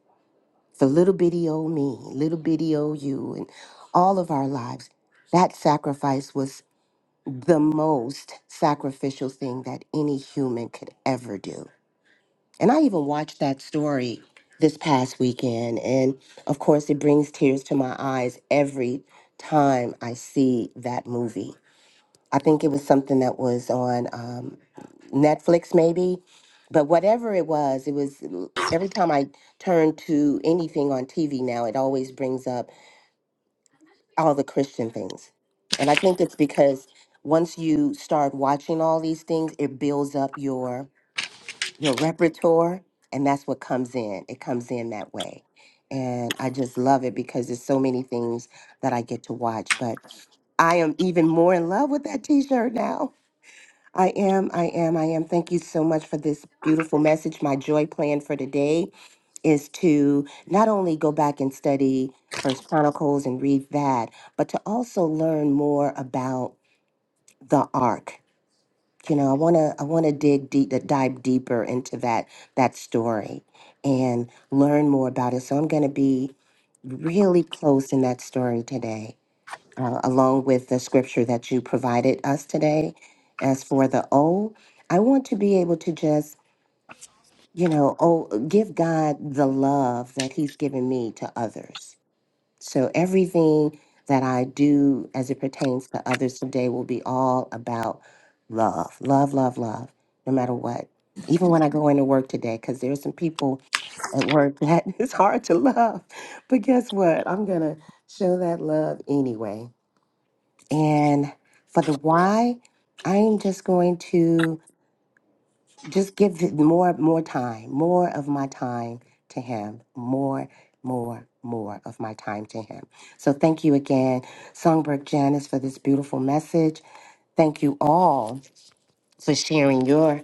[SPEAKER 7] for little bitty old me little bitty old you and all of our lives that sacrifice was the most sacrificial thing that any human could ever do. And I even watched that story this past weekend. And of course, it brings tears to my eyes every time I see that movie. I think it was something that was on um, Netflix, maybe. But whatever it was, it was every time I turn to anything on TV now, it always brings up all the Christian things. And I think it's because once you start watching all these things, it builds up your your repertoire and that's what comes in. It comes in that way. And I just love it because there's so many things that I get to watch. But I am even more in love with that t-shirt now. I am, I am, I am. Thank you so much for this beautiful message. My joy plan for today is to not only go back and study first chronicles and read that but to also learn more about the ark you know i want to i want to dig deep uh, dive deeper into that that story and learn more about it so i'm going to be really close in that story today uh, along with the scripture that you provided us today as for the o i want to be able to just you know, oh, give God the love that He's given me to others. So everything that I do as it pertains to others today will be all about love, love, love, love, no matter what. Even when I go into work today, because there's some people at work that it's hard to love. But guess what? I'm going to show that love anyway. And for the why, I am just going to just give it more more time more of my time to him more more more of my time to him so thank you again songbird janice for this beautiful message thank you all for sharing your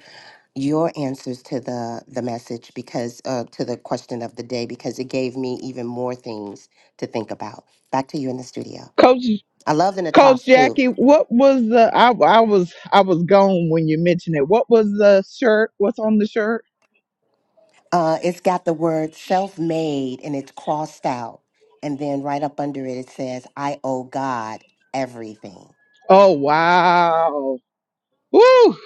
[SPEAKER 7] your answers to the the message because uh, to the question of the day because it gave me even more things to think about back to you in the studio
[SPEAKER 1] Coach
[SPEAKER 7] i love the
[SPEAKER 1] Coach
[SPEAKER 7] natasha too
[SPEAKER 1] Jackie, what was the I, I was I was gone when you mentioned it. What was the shirt? What's on the shirt?
[SPEAKER 7] Uh, it's got the word self made and it's crossed out. And then right up under it, it says, I owe God everything.
[SPEAKER 1] Oh wow. Woo!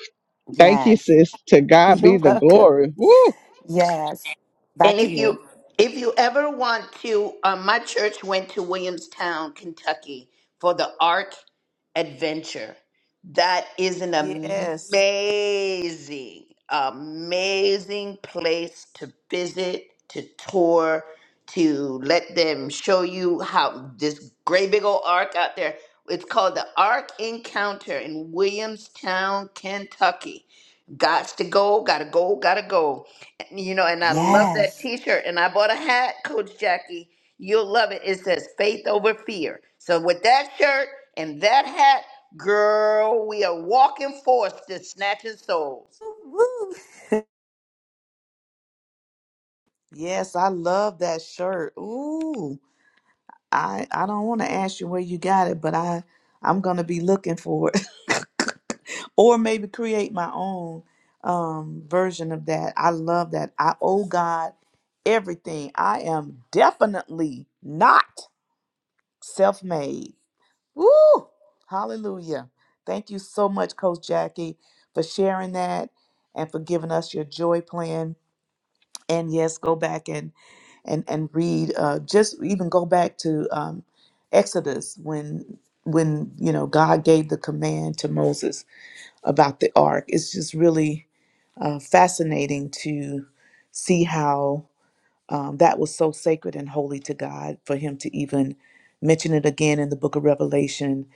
[SPEAKER 1] Thank you,
[SPEAKER 7] Yes.
[SPEAKER 1] sis. To God
[SPEAKER 7] You're
[SPEAKER 1] be the
[SPEAKER 7] welcome.
[SPEAKER 1] glory. Woo!
[SPEAKER 7] Yes.
[SPEAKER 5] And
[SPEAKER 7] Back to
[SPEAKER 5] if
[SPEAKER 7] you.
[SPEAKER 5] you if you ever want to, uh, my church went to Williamstown, Kentucky, for the Art Adventure. That is an amazing,
[SPEAKER 3] Yes.
[SPEAKER 5] amazing place to visit, to tour, to let them show you how this great big old ark out there. It's called the Ark Encounter in Williamstown, Kentucky. Gots to go, gotta go, gotta go you know, and I love that
[SPEAKER 7] Yes.
[SPEAKER 5] T-shirt. And I bought a hat, Coach Jackie. You'll love it. It says "Faith over Fear." So with that shirt and that hat, girl, we are walking forth to snatching souls.
[SPEAKER 7] Woo.
[SPEAKER 3] Yes, I love that shirt. Ooh. I I don't want to ask you where you got it, but I I'm going to be looking for it. or maybe create my own um, version of that. I love that. I owe God everything. I am definitely not self made. Woo! Hallelujah. Thank you so much, Coach Jackie, for sharing that and for giving us your joy plan. And yes, go back and and and read. Uh, just even go back to um, Exodus when when you know God gave the command to Moses about the ark. It's just really uh, fascinating to see how um, that was so sacred and holy to God for him to even mention it again in the book of Revelation.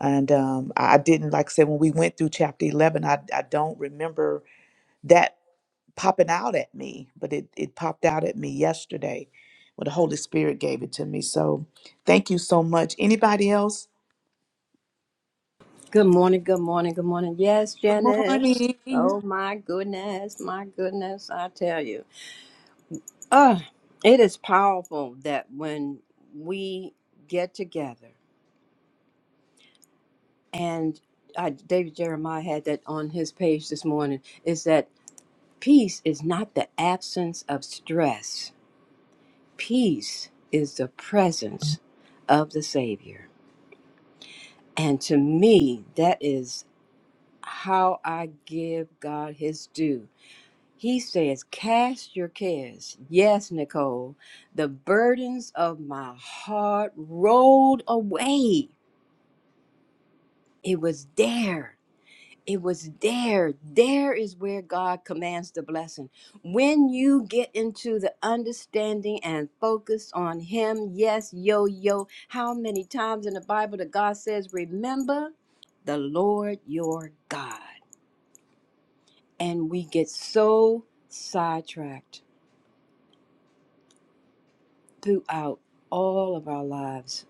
[SPEAKER 3] And um, I I didn't, like I said, when we went through chapter 11, I, I don't remember that popping out at me, but it, it popped out at me yesterday when the Holy Spirit gave it to me. So thank you so much. Anybody else?
[SPEAKER 8] Good morning, good morning, good morning. Yes,
[SPEAKER 3] Good
[SPEAKER 8] Janice.
[SPEAKER 3] morning.
[SPEAKER 8] Oh my goodness, my goodness, I tell you. Uh, it is powerful that when we get together, and uh, David Jeremiah had that on his page this morning, is that peace is not the absence of stress, peace is the presence of the Savior. And to me, that is. how I give God his due. He says, Cast your cares. Yes, Nicole, the burdens of my heart rolled away. It was there. It was there. There is where God commands the blessing. When you get into the understanding and focus on Him, yes, yo, yo, how many times in the Bible that God says, Remember the Lord your God? And we get so sidetracked throughout all of our lives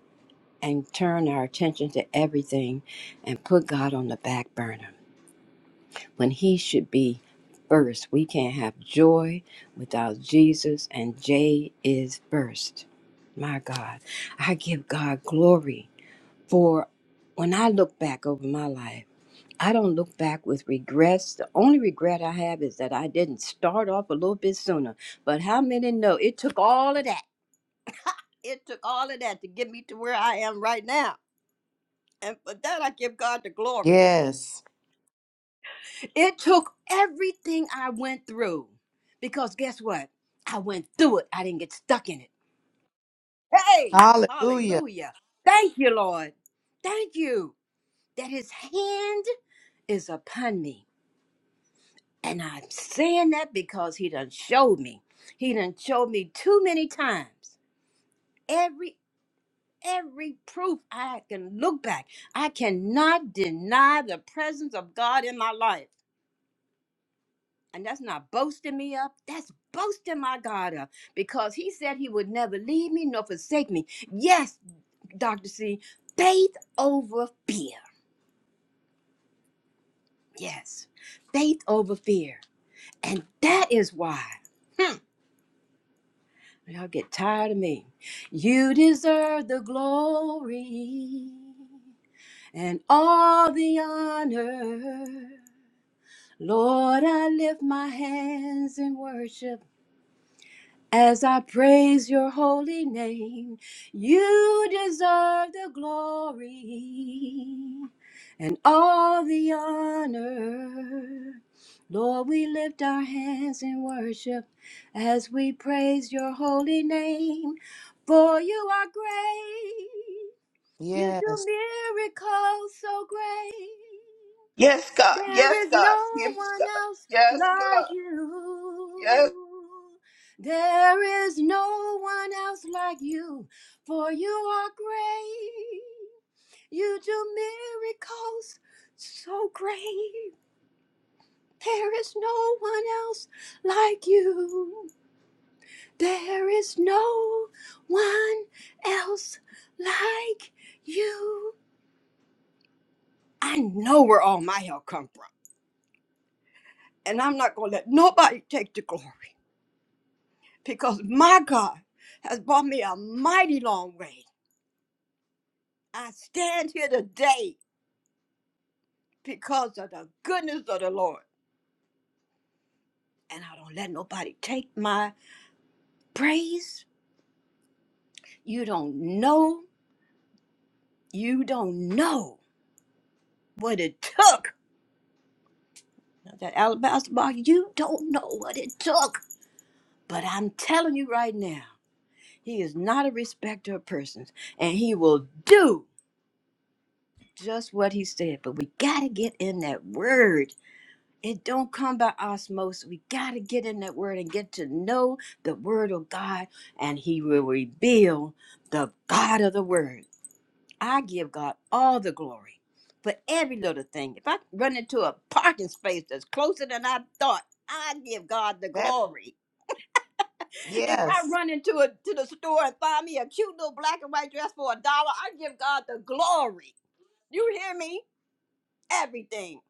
[SPEAKER 8] and turn our attention to everything and put God on the back burner when He should be first. We can't have joy without Jesus, and J is first. My God, I give God glory for when I look back over my life. I don't look back with regrets. The only regret I have is that I didn't start off a little bit sooner. But how many know it took all of that? It took all of that to get me to where I am right now. And for that, I give God the glory.
[SPEAKER 3] Yes.
[SPEAKER 8] It took everything I went through. Because guess what? I went through it, I didn't get stuck in it. Hey,
[SPEAKER 3] Hallelujah.
[SPEAKER 8] hallelujah. Thank you, Lord. Thank you that His hand is upon me. And I'm saying that because he done showed me. He done showed me too many times. Every every proof I can look back. I cannot deny the presence of God in my life. And that's not boasting me up. That's boasting my God up. Because he said he would never leave me nor forsake me. Yes, Dr. C, faith over fear. Yes. Faith over fear. And that is why. Y'all get tired of me. You deserve the glory and all the honor. Lord, I lift my hands in worship as I praise your holy name, you deserve the glory and all the honor. Lord, we lift our hands in worship as we praise your holy name, for you are great. You do
[SPEAKER 3] Yes.
[SPEAKER 8] miracles so great.
[SPEAKER 5] Yes, God. Yes,
[SPEAKER 8] There is
[SPEAKER 5] God.
[SPEAKER 8] no
[SPEAKER 5] Yes,
[SPEAKER 8] one
[SPEAKER 5] God.
[SPEAKER 8] else
[SPEAKER 5] Yes,
[SPEAKER 8] like
[SPEAKER 5] God. Yes.
[SPEAKER 8] you. There is no one else like you, for you are great. You do miracles so great. There is no one else like you. There is no one else like you. I know where all my help come from, and I'm not going to let nobody take the glory. because my God has brought me a mighty long way. I stand here today because of the goodness of the Lord. And I don't let nobody take my praise. You don't know. You don't know what it took. Now, That alabaster box, you don't know what it took. But I'm telling you right now, he is not a respecter of persons. And he will do just what he said. But we got to get in that word It don't come by osmosis. We got to get in that word and get to know the word of God, and he will reveal the God of the word. I give God all the glory for every little thing. If I run into a parking space that's closer than I thought, I give God the
[SPEAKER 3] That part.
[SPEAKER 8] glory. If I
[SPEAKER 3] Yes.
[SPEAKER 8] run into a to the store and find me a cute little black and white dress for a dollar, I give God the glory. You hear me? Everything.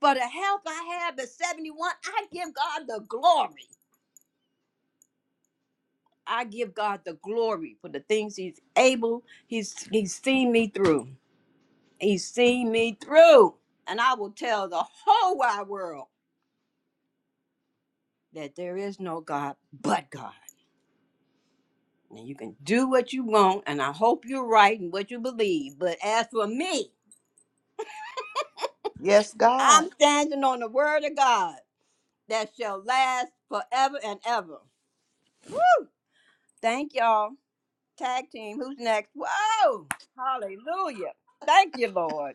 [SPEAKER 8] For the help I have at 71, I give God the glory. I give God the glory for the things He's able. He's He's seen me through. He's seen me through. And I will tell the whole wide world that there is no God but God. And you can do what you want, and I hope you're right in what you believe. But as for me,
[SPEAKER 3] Yes,
[SPEAKER 8] I'm
[SPEAKER 3] God.
[SPEAKER 8] standing on the word of God that shall last forever and ever. Thank y'all. Tag team, who's next? Whoa! Hallelujah. Thank you, Lord.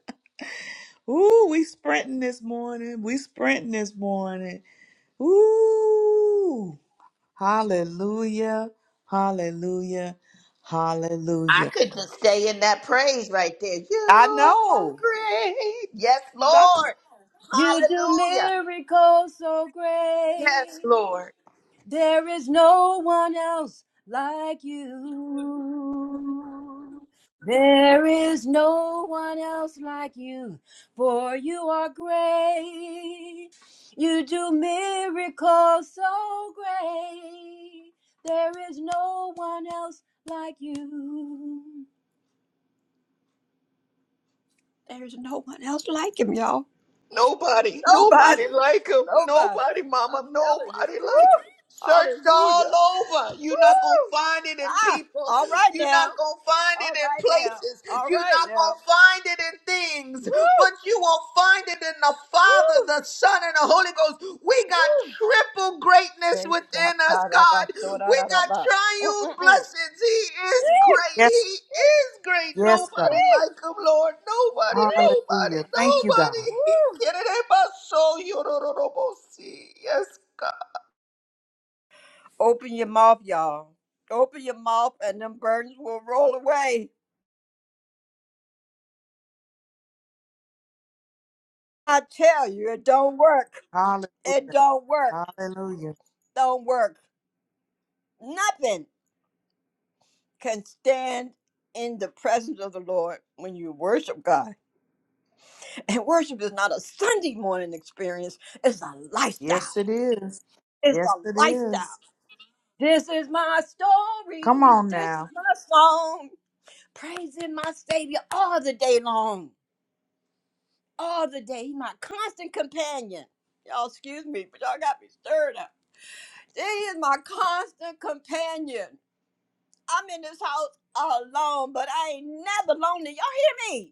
[SPEAKER 3] Ooh, we sprinting this morning. We sprinting this morning. Ooh. Hallelujah. Hallelujah.
[SPEAKER 5] I
[SPEAKER 3] Hallelujah.
[SPEAKER 5] could just stay in that praise right there.
[SPEAKER 3] I
[SPEAKER 5] You are
[SPEAKER 3] know.
[SPEAKER 5] great. Yes,
[SPEAKER 3] Dr.
[SPEAKER 5] Lord.
[SPEAKER 8] You do
[SPEAKER 5] Hallelujah.
[SPEAKER 8] miracles so great.
[SPEAKER 5] Yes, Lord.
[SPEAKER 8] There is no one else like you. There is no one else like you, for you are great. You do miracles so great. There is no one else like you. There's no one else like him, y'all.
[SPEAKER 5] Nobody, nobody
[SPEAKER 8] Nobody.
[SPEAKER 5] like him.
[SPEAKER 8] Nobody.
[SPEAKER 5] Nobody,
[SPEAKER 8] I'm
[SPEAKER 5] mama,
[SPEAKER 8] telling you.
[SPEAKER 5] nobody like him.
[SPEAKER 8] Woo!
[SPEAKER 5] Searched all
[SPEAKER 8] Hallelujah.
[SPEAKER 5] over. You're not going to
[SPEAKER 8] Woo!
[SPEAKER 5] find it in
[SPEAKER 8] Ah,
[SPEAKER 5] people.
[SPEAKER 8] all right
[SPEAKER 5] You're not
[SPEAKER 8] now.
[SPEAKER 5] going to find
[SPEAKER 8] All
[SPEAKER 5] it in
[SPEAKER 8] right now.
[SPEAKER 5] places.
[SPEAKER 8] All
[SPEAKER 5] You're
[SPEAKER 8] right
[SPEAKER 5] not
[SPEAKER 8] now.
[SPEAKER 5] going to find it in things
[SPEAKER 8] Woo!
[SPEAKER 5] but you will find it in the Father,
[SPEAKER 8] Woo!
[SPEAKER 5] the Son, and the Holy Ghost. We got
[SPEAKER 8] Woo!
[SPEAKER 5] triple greatness
[SPEAKER 8] Thank
[SPEAKER 5] within us, God.
[SPEAKER 8] Shakaraba,
[SPEAKER 5] We got
[SPEAKER 8] sorararaba.
[SPEAKER 5] triune
[SPEAKER 8] Mm-mm-mm.
[SPEAKER 5] blessings. He is
[SPEAKER 8] Eh,
[SPEAKER 5] great. He
[SPEAKER 3] Yes.
[SPEAKER 5] is great.
[SPEAKER 3] Yes, God.
[SPEAKER 5] Nobody
[SPEAKER 8] eh,
[SPEAKER 5] like him, Lord. Nobody,
[SPEAKER 8] eh.
[SPEAKER 5] nobody,
[SPEAKER 3] Hallelujah. Thank you, God.
[SPEAKER 5] nobody.
[SPEAKER 8] Woo!
[SPEAKER 5] Yes, God.
[SPEAKER 8] Open your mouth, y'all. Open your mouth and them burdens will roll away. I tell you, it don't work.
[SPEAKER 3] Hallelujah.
[SPEAKER 8] It don't work.
[SPEAKER 3] Hallelujah.
[SPEAKER 8] Don't work. Nothing. can stand in the presence of the Lord when you worship God. And worship is not a Sunday morning experience, it's a lifestyle.
[SPEAKER 3] Yes, it is.
[SPEAKER 8] It's
[SPEAKER 3] Yes,
[SPEAKER 8] a
[SPEAKER 3] it
[SPEAKER 8] lifestyle.
[SPEAKER 3] is.
[SPEAKER 8] This is my story.
[SPEAKER 3] Come on
[SPEAKER 8] This is
[SPEAKER 3] now.
[SPEAKER 8] my song. Praising my Savior all the day long. All the day. He's my constant companion. Y'all, excuse me, but y'all got me stirred up. He is my constant companion. I'm in this house alone, but I ain't never lonely. Y'all hear me?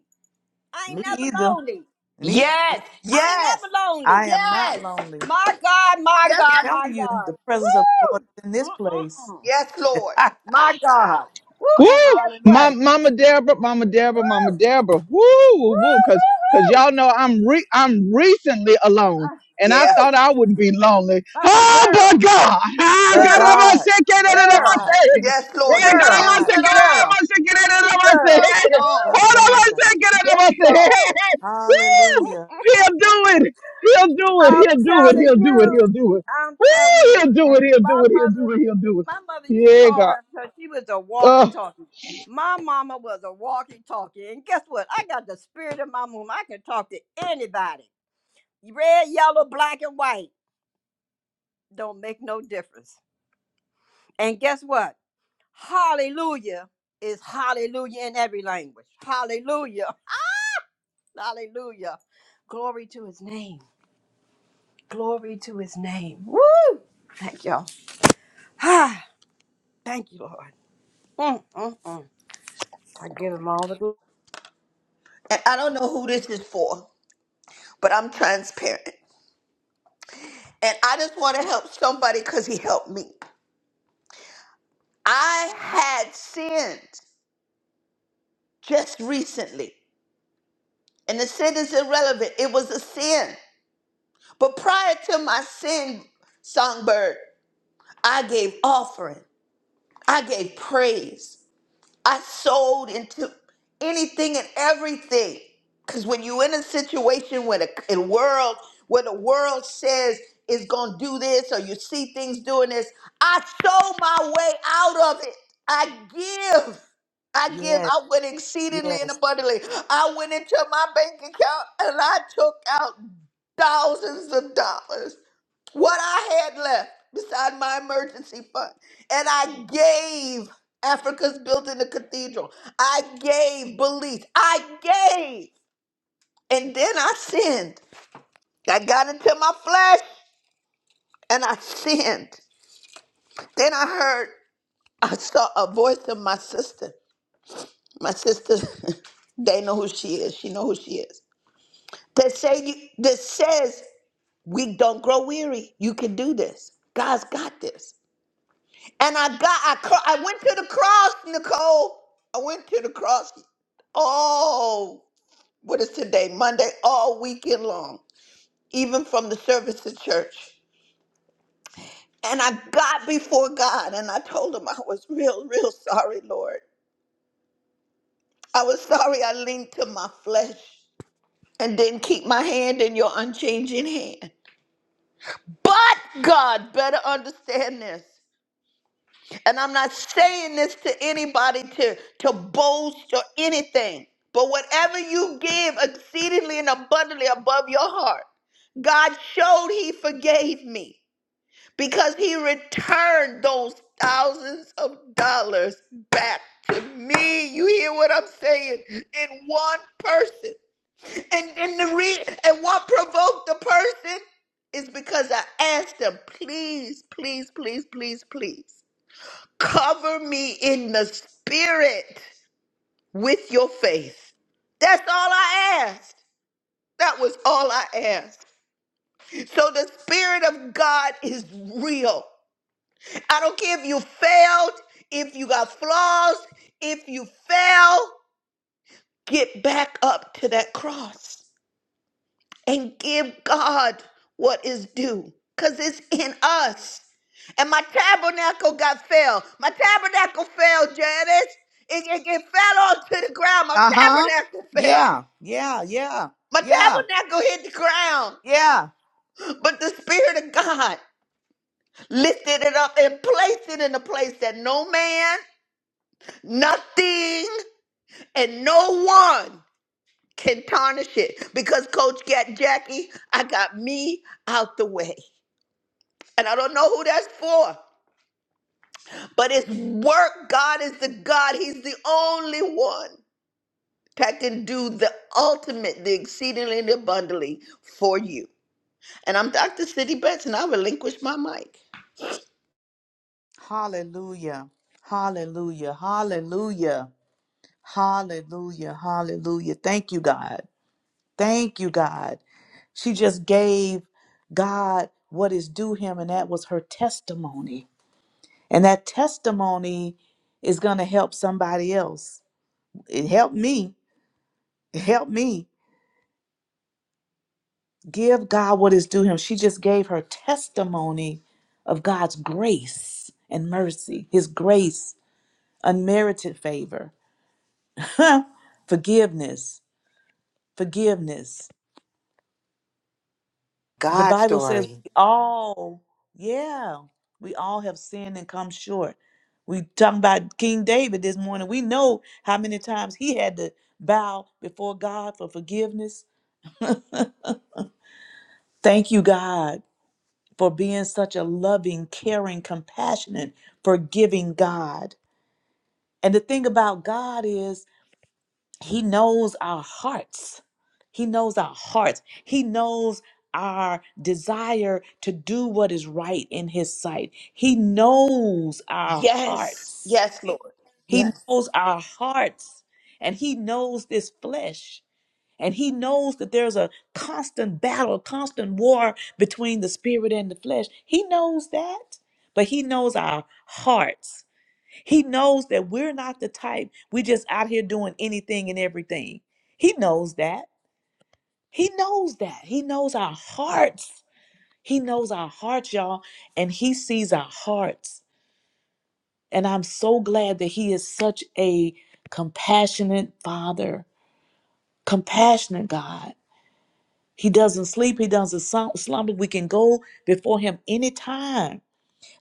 [SPEAKER 8] I ain't
[SPEAKER 3] Me
[SPEAKER 8] never
[SPEAKER 3] either.
[SPEAKER 8] lonely.
[SPEAKER 3] Me.
[SPEAKER 5] Yes,
[SPEAKER 8] I ain't
[SPEAKER 5] yes,
[SPEAKER 8] never lonely.
[SPEAKER 3] I am not
[SPEAKER 5] yes,
[SPEAKER 3] lonely.
[SPEAKER 8] My God, my
[SPEAKER 5] yes,
[SPEAKER 8] God, my
[SPEAKER 3] telling you,
[SPEAKER 8] God.
[SPEAKER 3] the presence of the Lord
[SPEAKER 8] Woo!
[SPEAKER 3] is in this
[SPEAKER 8] Uh,
[SPEAKER 3] place.
[SPEAKER 8] uh, uh.
[SPEAKER 5] yes, Lord.
[SPEAKER 8] My God. Woo!
[SPEAKER 1] Woo!
[SPEAKER 8] And guess
[SPEAKER 1] My,
[SPEAKER 3] Hallelujah.
[SPEAKER 8] what?
[SPEAKER 1] Mama Deborah, Mama Deborah, Mama
[SPEAKER 8] Woo!
[SPEAKER 1] Deborah. Woo, woo, woo. Cause, cause
[SPEAKER 8] Woo! Woo! Woo!
[SPEAKER 1] y'all know I'm re- I'm recently alone,
[SPEAKER 8] Uh,
[SPEAKER 1] and I
[SPEAKER 5] Yeah,
[SPEAKER 8] woo!
[SPEAKER 1] thought I would be lonely.
[SPEAKER 8] Uh,
[SPEAKER 1] Oh my
[SPEAKER 8] girl,
[SPEAKER 1] God! Ah,
[SPEAKER 3] But
[SPEAKER 1] God, I'm
[SPEAKER 8] girl,
[SPEAKER 1] gonna
[SPEAKER 3] God,
[SPEAKER 1] say, get it,
[SPEAKER 3] but
[SPEAKER 1] I'm gonna
[SPEAKER 8] girl,
[SPEAKER 3] God,
[SPEAKER 1] say.
[SPEAKER 5] yes, Lord.
[SPEAKER 1] Yeah,
[SPEAKER 5] He
[SPEAKER 3] but
[SPEAKER 1] God, I'm
[SPEAKER 8] girl,
[SPEAKER 5] feels
[SPEAKER 1] gonna
[SPEAKER 3] God,
[SPEAKER 1] say,
[SPEAKER 5] it
[SPEAKER 1] get it, I'm
[SPEAKER 5] all.
[SPEAKER 8] girl,
[SPEAKER 1] gonna say, get it,
[SPEAKER 5] He
[SPEAKER 1] I'm gonna say.
[SPEAKER 8] girl.
[SPEAKER 5] feels it
[SPEAKER 1] Hey,
[SPEAKER 5] all.
[SPEAKER 3] but
[SPEAKER 1] Hold on, I'm gonna
[SPEAKER 3] God.
[SPEAKER 1] say, get it, I'm
[SPEAKER 5] Yes,
[SPEAKER 1] gonna say.
[SPEAKER 5] God.
[SPEAKER 1] Hey, hey, hey. Woo!
[SPEAKER 3] Hallelujah.
[SPEAKER 1] He'll do it. He'll do it.
[SPEAKER 8] I'm
[SPEAKER 1] He'll do it.
[SPEAKER 8] telling
[SPEAKER 1] He'll do it.
[SPEAKER 8] you.
[SPEAKER 1] He'll do it.
[SPEAKER 8] I'm telling
[SPEAKER 1] Woo!
[SPEAKER 8] you.
[SPEAKER 1] He'll do
[SPEAKER 8] And
[SPEAKER 1] it. He'll
[SPEAKER 8] my
[SPEAKER 1] do it. He'll
[SPEAKER 8] mother.
[SPEAKER 1] do it. He'll do it.
[SPEAKER 8] my mother used to call
[SPEAKER 1] Yeah,
[SPEAKER 8] her because she was a
[SPEAKER 1] God.
[SPEAKER 8] walkie-talkie. My mama was a walkie-talkie, and guess what? I got the spirit of my mom. I can talk to anybody, red, yellow, black, and white. Don't make no difference. And guess what? Hallelujah is hallelujah in every language. Hallelujah, hallelujah. Glory to His name. Glory to His name. Woo! Thank y'all. Ah, thank you, Lord. Mm, mm, mm. I give Him all the glory.
[SPEAKER 5] And I don't know who this is for, but I'm transparent. And I just want to help somebody because he helped me. I had sinned just recently, and the sin is irrelevant. It was a sin. But prior to my sin, Songbird, I gave offering, I gave praise. I sold into anything and everything. Because when you're in a situation where the in world where the world says it's gonna do this or you see things doing this, I sold my way out of it. I give. I give.
[SPEAKER 3] Yes,
[SPEAKER 5] I went exceedingly and
[SPEAKER 3] yes.
[SPEAKER 5] abundantly. I went into my bank account and I took out thousands of dollars what I had left beside my emergency fund. And I gave Africa's building a cathedral. I gave belief. I gave. And then I sinned. I got into my flesh and I sinned. Then I heard, I saw a voice of my sister. My sister, they know who she is. She know who she is. That say you, that says we don't grow weary. You can do this. God's got this. And I got, I, cro- I went to the cross, Nicole. I went to the cross. Oh, what is today? Monday, all weekend long, even from the service at church. And I got before God and I told him I was real, real sorry, Lord. I was sorry I leaned to my flesh and didn't keep my hand in your unchanging hand. But God, better understand this. And I'm not saying this to anybody to, to boast or anything, but whatever you give exceedingly and abundantly above your heart, God showed He forgave me because He returned those thousands of dollars back to me. You hear what I'm saying? In one person. And, and, the re- and what provoked the person is because I asked them, please, please, please, please, please. Cover me in the spirit with your faith. That's all I asked. That was all I asked. So the Spirit of God is real. I don't care if you failed, if you got flaws, if you fell, get back up to that cross. and give God what is due because it's in us. And my tabernacle got fell. My tabernacle fell, Janice. It, it, it fell onto the ground. My
[SPEAKER 3] Uh huh.
[SPEAKER 5] tabernacle fell.
[SPEAKER 3] Yeah, yeah, yeah,
[SPEAKER 5] My
[SPEAKER 3] yeah,
[SPEAKER 5] tabernacle hit the ground.
[SPEAKER 3] yeah.
[SPEAKER 5] But the Spirit of God lifted it up and placed it in a place that no man, nothing, and no one can tarnish it. Because Coach got Jackie, I got me out the way. And I don't know who that's for, but it's work. God is the God. He's the only one that can do the ultimate, the exceedingly and abundantly for you. And I'm Dr. City Betts, and I relinquish my mic.
[SPEAKER 3] Hallelujah. Hallelujah. Hallelujah. Hallelujah. Hallelujah. Thank you, God. Thank you, God. She just gave God what is due him, and that was her testimony. And that testimony is going to help somebody else. It helped me. It helped me. Give God what is due him. She just gave her testimony of God's grace and mercy, his grace, unmerited favor, forgiveness, forgiveness. The
[SPEAKER 7] God
[SPEAKER 3] Bible says
[SPEAKER 7] story.
[SPEAKER 3] we all, yeah, we all have sinned and come short. We talking about King David this morning. We know how many times he had to bow before God for forgiveness. Thank you, God, for being such a loving, caring, compassionate, forgiving God. And the thing about God is He knows our hearts. He knows our hearts. He knows our desire to do what is right in His sight. He knows our
[SPEAKER 5] Yes,
[SPEAKER 3] hearts.
[SPEAKER 5] yes, Lord.
[SPEAKER 3] He
[SPEAKER 5] Yes,
[SPEAKER 3] knows our hearts. And He knows this flesh. And He knows that there's a constant battle, constant war between the spirit and the flesh. He knows that. But He knows our hearts. He knows that we're not the type we just out here doing anything and everything. He knows that. He knows that. He knows our hearts. He knows our hearts, y'all, and he sees our hearts. And I'm so glad that he is such a compassionate father, compassionate God. He doesn't sleep, he doesn't slum- slumber. We can go before him anytime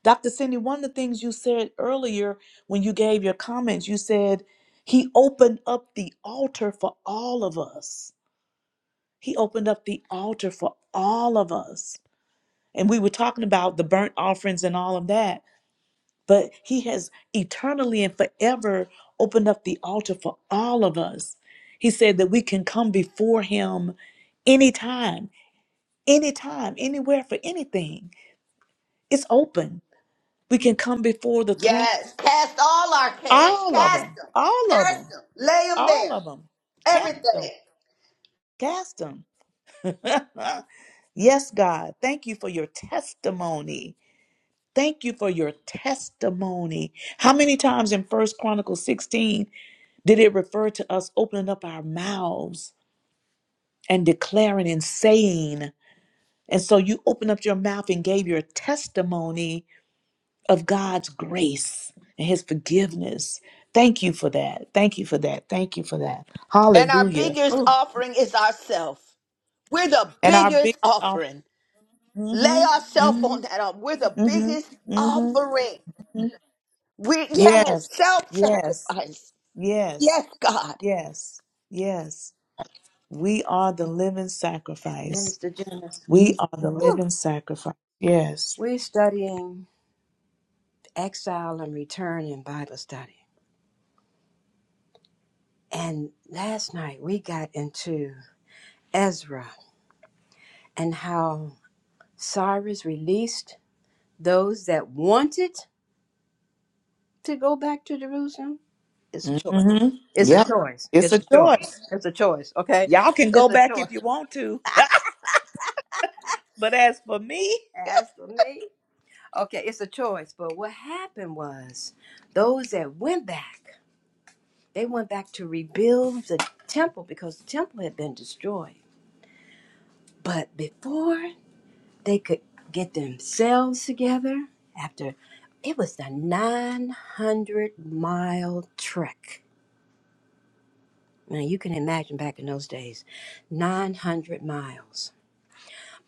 [SPEAKER 3] Dr. Cindy, one of the things you said earlier when you gave your comments, you said he opened up the altar for all of us. He opened up the altar for all of us. And we were talking about the burnt offerings and all of that, but he has eternally and forever opened up the altar for all of us. He said that we can come before him anytime, anytime, anywhere for anything. It's open. We can come before the throne
[SPEAKER 5] yes. Cast all our cares.
[SPEAKER 3] All of
[SPEAKER 5] Cast
[SPEAKER 3] them.
[SPEAKER 5] them.
[SPEAKER 3] All of
[SPEAKER 5] Cast
[SPEAKER 3] them.
[SPEAKER 5] them. Lay them
[SPEAKER 3] All
[SPEAKER 5] there.
[SPEAKER 3] of them. Cast them.
[SPEAKER 5] Everything.
[SPEAKER 3] Cast them. yes, God. Thank you for your testimony. Thank you for your testimony. How many times in First Chronicles 16 did it refer to us opening up our mouths and declaring and saying? And so you opened up your mouth and gave your testimony of God's grace and his forgiveness. Thank you for that. Thank you for that. Thank you for that.
[SPEAKER 5] And our
[SPEAKER 3] Hallelujah.
[SPEAKER 5] biggest
[SPEAKER 8] Ooh,
[SPEAKER 5] offering is ourself. We're the
[SPEAKER 3] And our big
[SPEAKER 5] biggest
[SPEAKER 3] offer.
[SPEAKER 5] offering. Lay
[SPEAKER 3] Mm-hmm.
[SPEAKER 5] ourselves
[SPEAKER 3] Mm-hmm.
[SPEAKER 5] on that altar. We're the biggest
[SPEAKER 3] Mm-hmm. Mm-hmm.
[SPEAKER 5] offering.
[SPEAKER 3] mm-hmm.
[SPEAKER 5] We yes,
[SPEAKER 3] Yes. Yes.
[SPEAKER 5] self-sacrifice.
[SPEAKER 3] Yes.
[SPEAKER 5] Yes, God.
[SPEAKER 3] Yes. Yes. We are the living sacrifice.
[SPEAKER 8] Minister Janice.
[SPEAKER 3] We are the
[SPEAKER 8] Whew.
[SPEAKER 3] living sacrifice. Yes.
[SPEAKER 8] We're studying exile and return in Bible study. And last night we got into Ezra and how Cyrus released those that wanted to go back to Jerusalem. It's a choice.
[SPEAKER 3] Mm-hmm.
[SPEAKER 8] It's a
[SPEAKER 3] Yep.
[SPEAKER 8] choice.
[SPEAKER 3] It's
[SPEAKER 8] It's
[SPEAKER 3] a
[SPEAKER 8] a choice.
[SPEAKER 3] choice.
[SPEAKER 8] It's a choice. Okay.
[SPEAKER 3] Y'all can
[SPEAKER 8] It's
[SPEAKER 3] go
[SPEAKER 8] a
[SPEAKER 3] back
[SPEAKER 8] choice.
[SPEAKER 3] if you want to. but as for me.
[SPEAKER 8] As for me, okay, it's a choice. But what happened was those that went back, they went back to rebuild the temple because the temple had been destroyed But before they could get themselves together, after it was a 900 mile trek. Now you can imagine back in those days, 900 miles.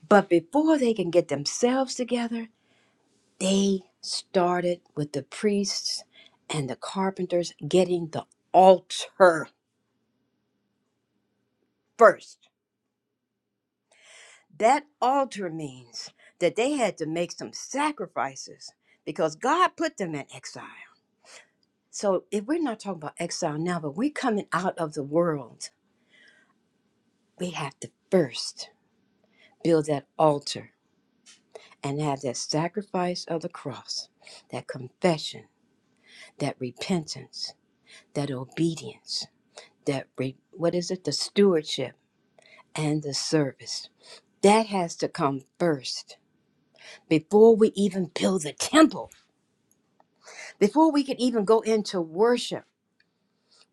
[SPEAKER 8] But before they can get themselves together, they started with the priests and the carpenters getting the altar first. That altar means that they had to make some sacrifices because God put them in exile. So if we're not talking about exile now, but we're coming out of the world, we have to first build that altar and have that sacrifice of the cross, that confession, that repentance, that obedience, that re- what is it? The stewardship and the service. That has to come first before we even build the temple, before we can even go into worship.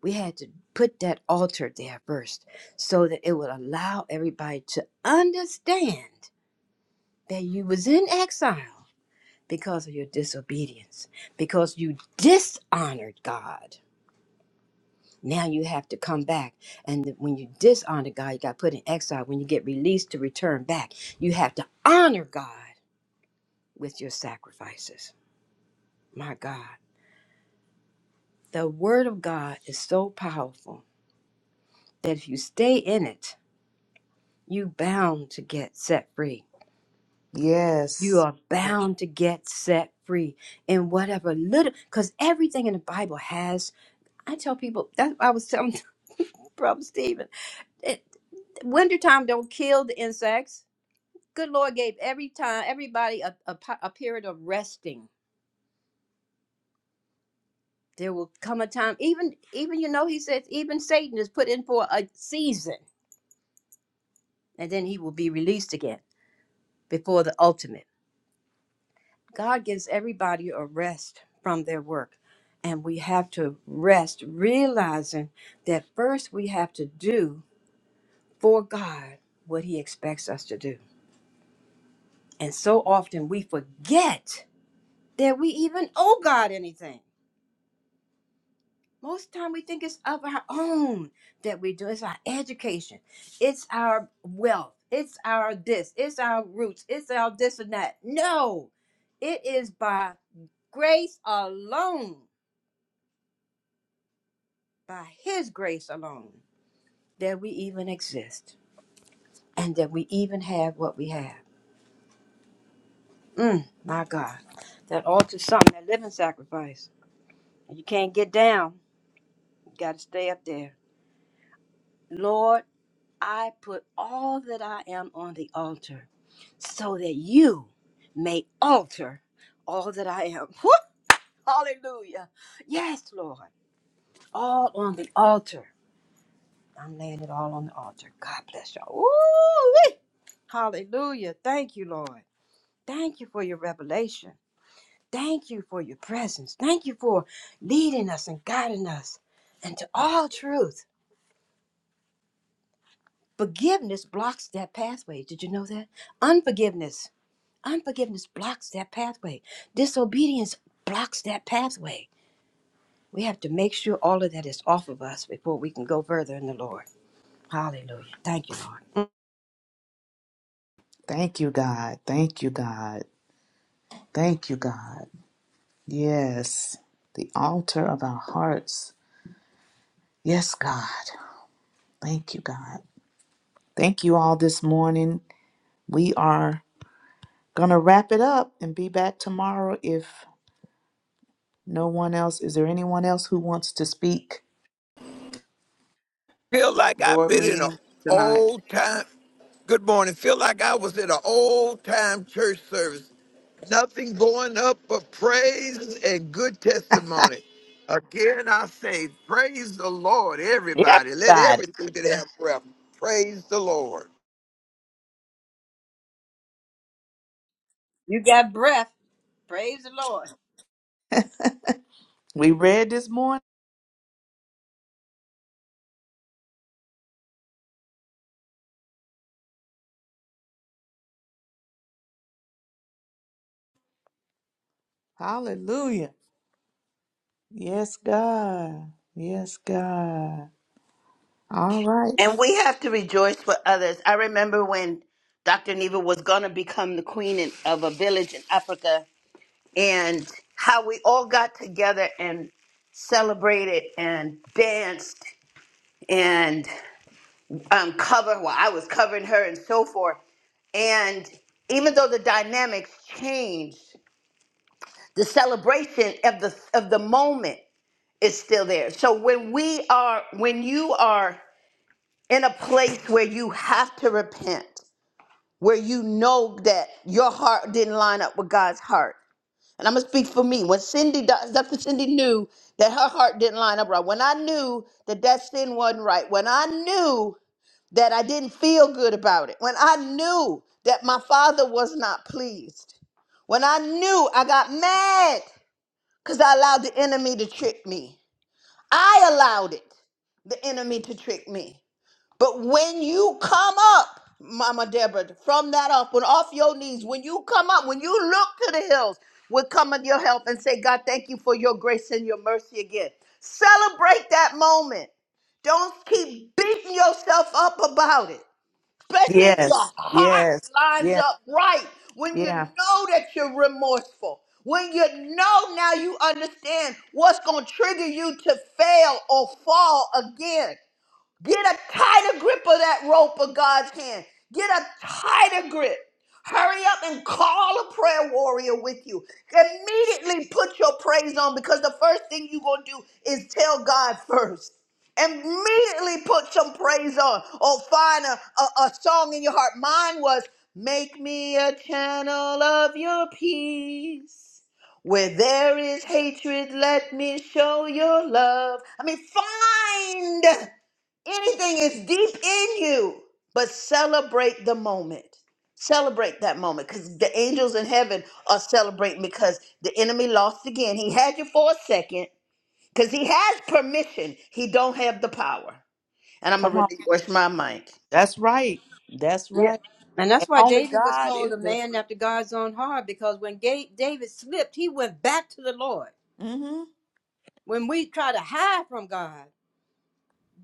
[SPEAKER 8] we had to put that altar there first so that it would allow everybody to understand that you was in exile because of your disobedience because you dishonored god now you have to come back and when you dishonor god you got put in exile when you get released to return back you have to honor god with your sacrifices my god the word of god is so powerful that if you stay in it you bound to get set free you
[SPEAKER 3] Yes.
[SPEAKER 8] are
[SPEAKER 3] Yeah.
[SPEAKER 8] bound to get set free in whatever little because everything in the bible has i tell people that i was telling brother stephen it, wintertime don't kill the insects good lord gave every time everybody a, a, po- a period of resting there will come a time even even you know he says even satan is put in for a season and then he will be released again before the ultimate God gives everybody a rest from their work. And we have to rest, realizing that first we have to do for God what He expects us to do. And so often we forget that we even owe God anything. Most of the time we think it's of our own that we do. It's our education, it's our wealth, it's our this, it's our roots, it's our this and that. No, it is by grace alone by His grace alone that we even exist and that we even have what we have. Mm, my God, that altars something, that living sacrifice. You can't get down, you got to stay up there. Lord, I put all that I am on the altar so that you may alter all that I am. Whew! Hallelujah. Yes, Lord, all on the altar I'm laying it all on the altar. God bless y'all. Ooh, hallelujah. Thank you, Lord. Thank you for your revelation. Thank you for your presence. Thank you for leading us and guiding us into all truth. Forgiveness blocks that pathway. Did you know that? Unforgiveness. Unforgiveness blocks that pathway. Disobedience blocks that pathway. We have to make sure all of that is off of us before we can go further in the Lord. Hallelujah. Thank you, Lord.
[SPEAKER 3] Thank you, God. Thank you, God. Thank you, God. Yes. The altar of our hearts Yes, God. Thank you, God. Thank you all this morning. We are going to wrap it up and be back tomorrow if no one else. Is there anyone else who wants to speak?
[SPEAKER 4] Feel like I've
[SPEAKER 1] board
[SPEAKER 4] been in an
[SPEAKER 1] meeting tonight.
[SPEAKER 4] old time. Good morning. Feel like I was in an old time church service. Nothing going up but praise and good testimony. Again, I say, praise the Lord, everybody. Let
[SPEAKER 3] Everybody.
[SPEAKER 4] everything that have breath praise the Lord.
[SPEAKER 8] You got breath. Praise the Lord.
[SPEAKER 3] We read this morning. Hallelujah. Yes, God. Yes, God. All right.
[SPEAKER 5] And we have to rejoice for others. I remember when Dr. Neva was gonna become the queen in, of a village in Africa, and how we all got together and celebrated and danced and um, cover. Well, I was covering her and so forth. And even though the dynamics changed, the celebration of the of the moment is still there so when we are when you are in a place where you have to repent where you know that your heart didn't line up with god's heart and i'm gonna speak for me when cindy does dr cindy knew that her heart didn't line up right when i knew that that sin wasn't right when i knew that i didn't feel good about it when i knew that my father was not pleased when i knew i got mad because I allowed the enemy to trick me. I allowed it, the enemy to trick me. But when you come up, Mama Deborah, from that off, when off your knees, when you come up, when you look to the hills, will come on your help and say, God, thank you for your grace and your mercy again. Celebrate that moment. Don't keep beating yourself up about it especially if
[SPEAKER 3] Yes.
[SPEAKER 5] your heart
[SPEAKER 3] Yes.
[SPEAKER 5] lines
[SPEAKER 3] Yes.
[SPEAKER 5] up right, when you
[SPEAKER 3] Yeah.
[SPEAKER 5] know that you're remorseful, when you know now you understand what's going to trigger you to fail or fall again. Get a tighter grip of that rope of God's hand. Get a tighter grip. Hurry up and call a prayer warrior with you. Immediately put your praise on because the first thing you're going to do is tell God first. Immediately put some praise on or find a, a, a song in your heart. Mine was, Make me a channel of your peace. Where there is hatred, let me show your love. I mean, find. Anything is deep in you, but celebrate the moment. Celebrate that moment because the angels in heaven are celebrating because the enemy lost again. He had you for a second because he has permission. He don't have the power. And I'm gonna
[SPEAKER 3] Come on.
[SPEAKER 5] relinquish my mic.
[SPEAKER 3] That's right. That's
[SPEAKER 8] Yeah.
[SPEAKER 3] right.
[SPEAKER 8] And that's
[SPEAKER 3] And
[SPEAKER 8] why
[SPEAKER 3] only
[SPEAKER 8] David was
[SPEAKER 3] God
[SPEAKER 8] called
[SPEAKER 3] is
[SPEAKER 8] a
[SPEAKER 3] the.
[SPEAKER 8] man after God's own heart because when Ga- David slipped, he went back to the Lord.
[SPEAKER 3] hmm
[SPEAKER 8] When we try to hide from God,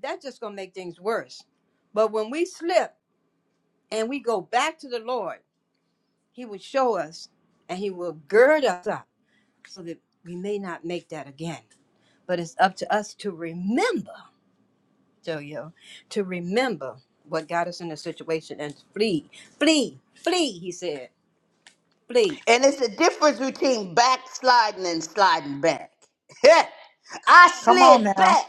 [SPEAKER 8] that's just going to make things worse. But when we slip and we go back to the Lord, he will show us and he will gird us up so that we may not make that again. But it's up to us to remember. yo to remember what got us in this situation and flee, flee, flee, he said, flee.
[SPEAKER 5] And it's the difference between backsliding and sliding back. I
[SPEAKER 3] Come on
[SPEAKER 5] slid
[SPEAKER 3] now.
[SPEAKER 5] back,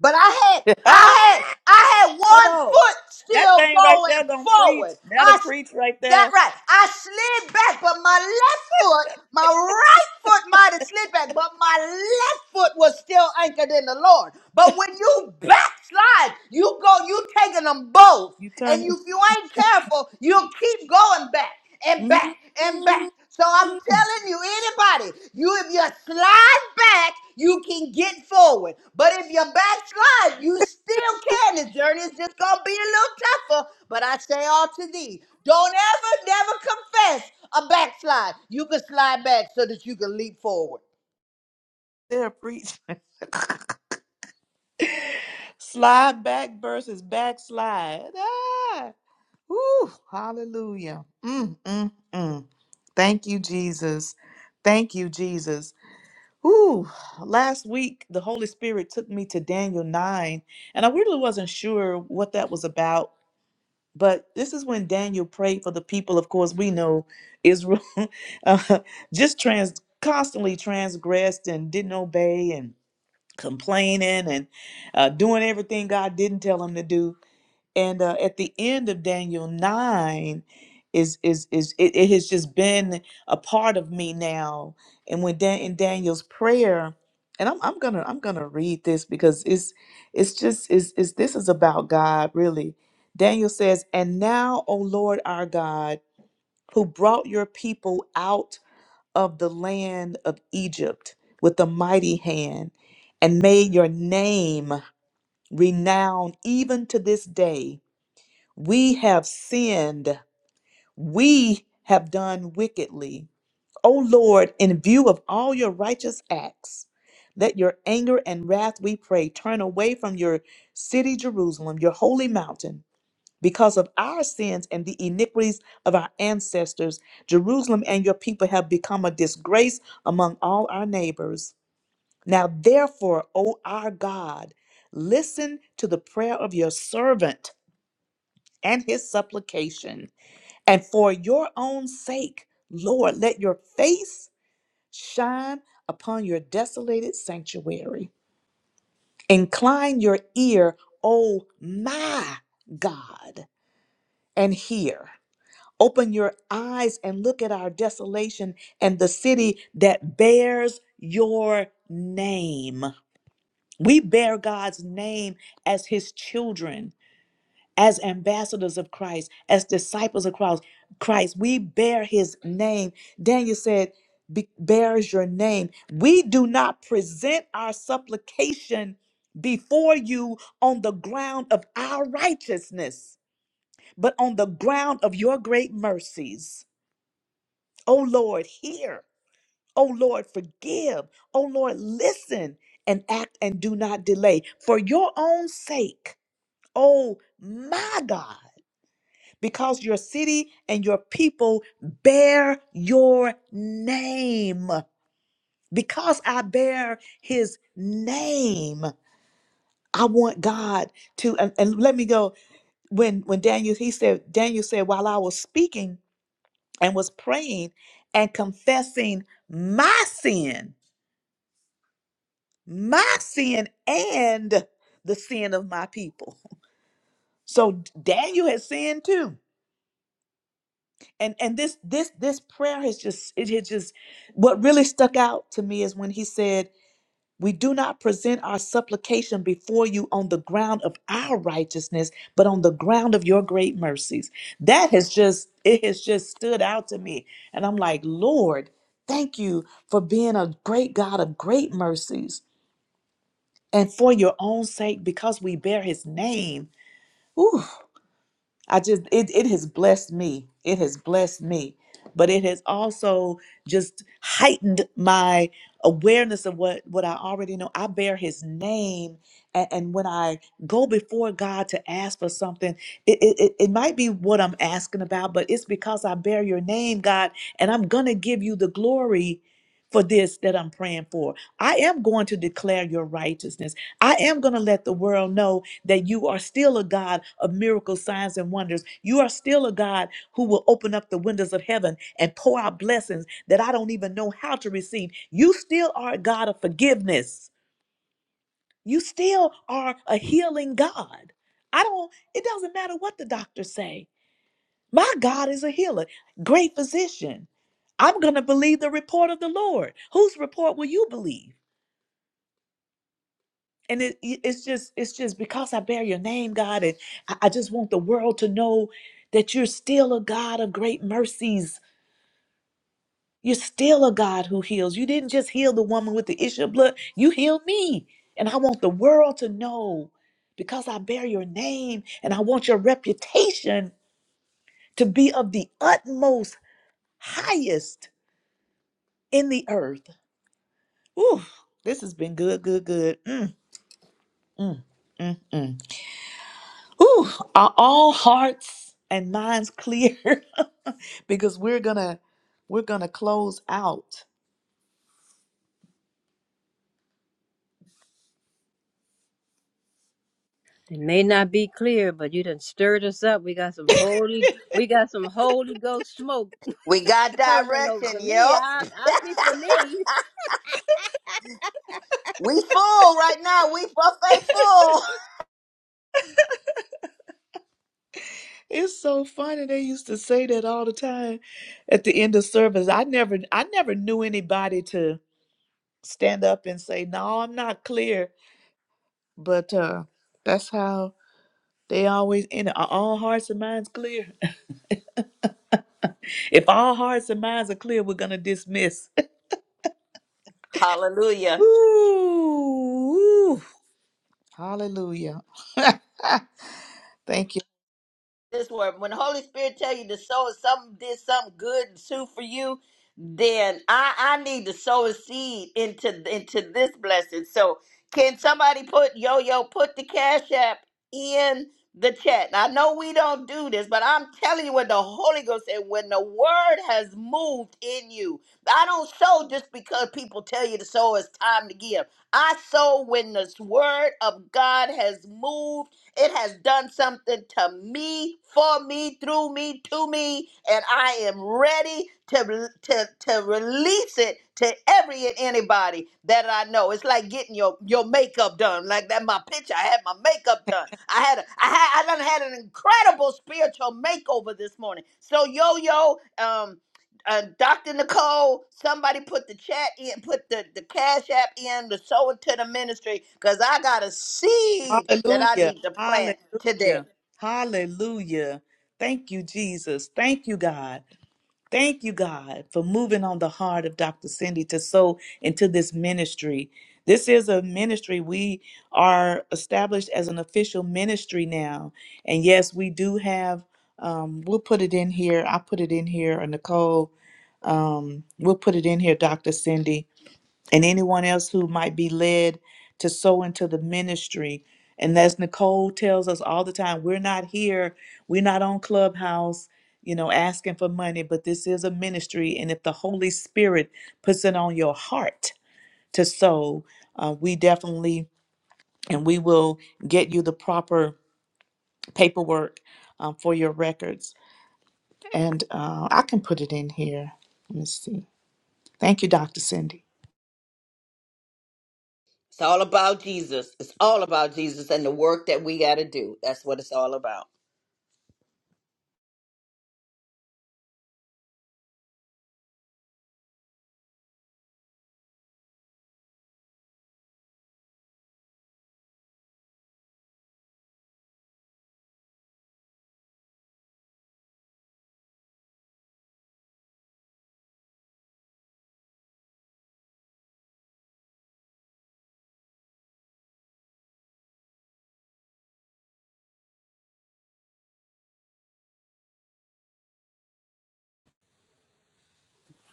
[SPEAKER 5] but I had I had I had
[SPEAKER 3] Come
[SPEAKER 5] one
[SPEAKER 3] on.
[SPEAKER 5] foot
[SPEAKER 3] That
[SPEAKER 5] still
[SPEAKER 3] thing right
[SPEAKER 5] going
[SPEAKER 3] there gonna preach.
[SPEAKER 5] forward.
[SPEAKER 3] That'll
[SPEAKER 5] I
[SPEAKER 3] preach right
[SPEAKER 5] That
[SPEAKER 3] there.
[SPEAKER 5] right. I slid back, but my left foot, my right foot might have slid back, but my left foot was still anchored in the Lord. But when you backslide, you go, you taking them both.
[SPEAKER 3] You
[SPEAKER 5] And you,
[SPEAKER 3] turn
[SPEAKER 5] if you ain't careful, you'll keep going back and back
[SPEAKER 3] it.
[SPEAKER 5] and back. So I'm telling you, anybody, you if you slide back you can get forward. But if you backslide, you still can. This journey is just gonna be a little tougher. But I say all to thee, don't ever, never confess a backslide. You can slide back so that you can leap forward.
[SPEAKER 3] There, preach. Slide back versus backslide. Ah, woo, hallelujah. Mm, mm, mm. Thank you, Jesus. Thank you, Jesus. Ooh, last week the Holy Spirit took me to Daniel 9, and I really wasn't sure what that was about. But this is when Daniel prayed for the people. Of course, we know Israel uh, just trans constantly transgressed and didn't obey and complaining and uh, doing everything God didn't tell him to do and uh, at the end of daniel 9 is is is it, it has just been a part of me now and when Dan, in daniel's prayer and I'm, I'm gonna i'm gonna read this because it's it's just is is this is about god really daniel says and now o lord our god who brought your people out of the land of egypt with a mighty hand and made your name renowned even to this day we have sinned. We have done wickedly. O Lord, in view of all your righteous acts, let your anger and wrath, we pray, turn away from your city, Jerusalem, your holy mountain. Because of our sins and the iniquities of our ancestors, Jerusalem and your people have become a disgrace among all our neighbors. Now, therefore, O our God, listen to the prayer of your servant and his supplication and for your own sake, Lord, let your face shine upon your desolated sanctuary. Incline your ear, O my God, and hear. Open your eyes and look at our desolation and the city that bears your name. We bear God's name as his children. as ambassadors of Christ, as disciples of Christ, Christ, we bear his name. Daniel said, "Be- bears your name. We do not present our supplication before you on the ground of our righteousness, but on the ground of your great mercies. O Lord, hear. O Lord, forgive. O Lord, listen and act and do not delay for your own sake. Oh, my God. because your city and your people bear your name. Because I bear his name, I want God to and, and let me go. When when Daniel he said Daniel said while I was speaking and was praying and confessing my sin, my sin and the sin of my people. So Daniel had sinned too and and this this this prayer has just it has just what really stuck out to me is when he said we do not present our supplication before you on the ground of our righteousness but on the ground of your great mercies that has just it has just stood out to me and i'm like lord thank you for being a great god of great mercies and for your own sake because we bear his name Ooh, I just it it has blessed me. It has blessed me. But it has also just heightened my awareness of what what I already know. I bear his name and, and when I go before God to ask for something, it, it it it might be what I'm asking about, but it's because I bear your name, God, and I'm gonna give you the glory for this that I'm praying for. I am going to declare your righteousness. I am going to let the world know that you are still a God of miracles, signs, and wonders. You are still a God who will open up the windows of heaven and pour out blessings that I don't even know how to receive. You still are a God of forgiveness. You still are a healing God. I don't, it doesn't matter what the doctors say. My God is a healer, great physician. I'm going to believe the report of the Lord. Whose report will you believe? and it, it's just it's just because i bear your name god and I, I just want the world to know that you're still a god of great mercies you're still a god who heals you didn't just heal the woman with the issue of blood you healed me and i want the world to know because i bear your name and i want your reputation to be of the utmost highest in the earth Ooh, this has been good good good Mm, mm, mm, mm. Ooh, are all hearts and minds clear? because we're gonna we're gonna close out.
[SPEAKER 8] It may not be clear, but you done stirred us up. We got some holy, we got some Holy Ghost smoke
[SPEAKER 5] We got
[SPEAKER 8] hovering over
[SPEAKER 5] direction,
[SPEAKER 8] me.
[SPEAKER 5] yep.
[SPEAKER 8] I, I speak for me.
[SPEAKER 5] We full right now. We buffet full.
[SPEAKER 3] It's so funny. They used to say that all the time at the end of service. I never I never knew anybody to stand up and say, No, I'm not clear. But uh that's how they always end it. Are all hearts and minds clear? if all hearts and minds are clear, we're gonna dismiss.
[SPEAKER 5] Hallelujah.
[SPEAKER 3] Ooh, ooh. hallelujah. Thank you.
[SPEAKER 5] this word. When the Holy Spirit tell you to sow, if something did something good too, for you, then I I need to sow a seed into into this blessing. So can somebody put yo yo put the cash app in the chat? Now, I know we don't do this, but I'm telling you what the Holy Ghost said when the word has moved in you. I don't sow just because people tell you to sow. It's time to give. I sow when this word of God has moved it has done something to me, for me, through me, to me, and I am ready to, to, to release it to every and anybody that I know. It's like getting your, your makeup done. Like that, my picture, I had my makeup done. I had a, I had I done had an incredible spiritual makeover this morning. So yo yo, um, uh, Dr. Nicole, somebody put the chat in, put the, the cash app in, the sow into the ministry, because I got a seed that I
[SPEAKER 3] Hallelujah.
[SPEAKER 5] need to plant today.
[SPEAKER 3] Hallelujah. Hallelujah. Thank you, Jesus. Thank you, God. Thank you, God, for moving on the heart of Dr. Cindy to sow into this ministry. This is a ministry. We are established as an official ministry now. And yes, we do have, um, we'll put it in here. I put it in here, or Nicole. Um, we'll put it in here, Dr. Cindy and anyone else who might be led to sow into the ministry. And as Nicole tells us all the time, we're not here, we're not on Clubhouse, you know, asking for money, but this is a ministry. And if the Holy Spirit puts it on your heart to sow, uh, we definitely and we will get you the proper paperwork um, for your records. And uh, I can put it in here. Let me see. Thank you, Dr. Cindy.
[SPEAKER 5] It's all about Jesus. It's all about Jesus and the work that we got to do. That's what it's all about.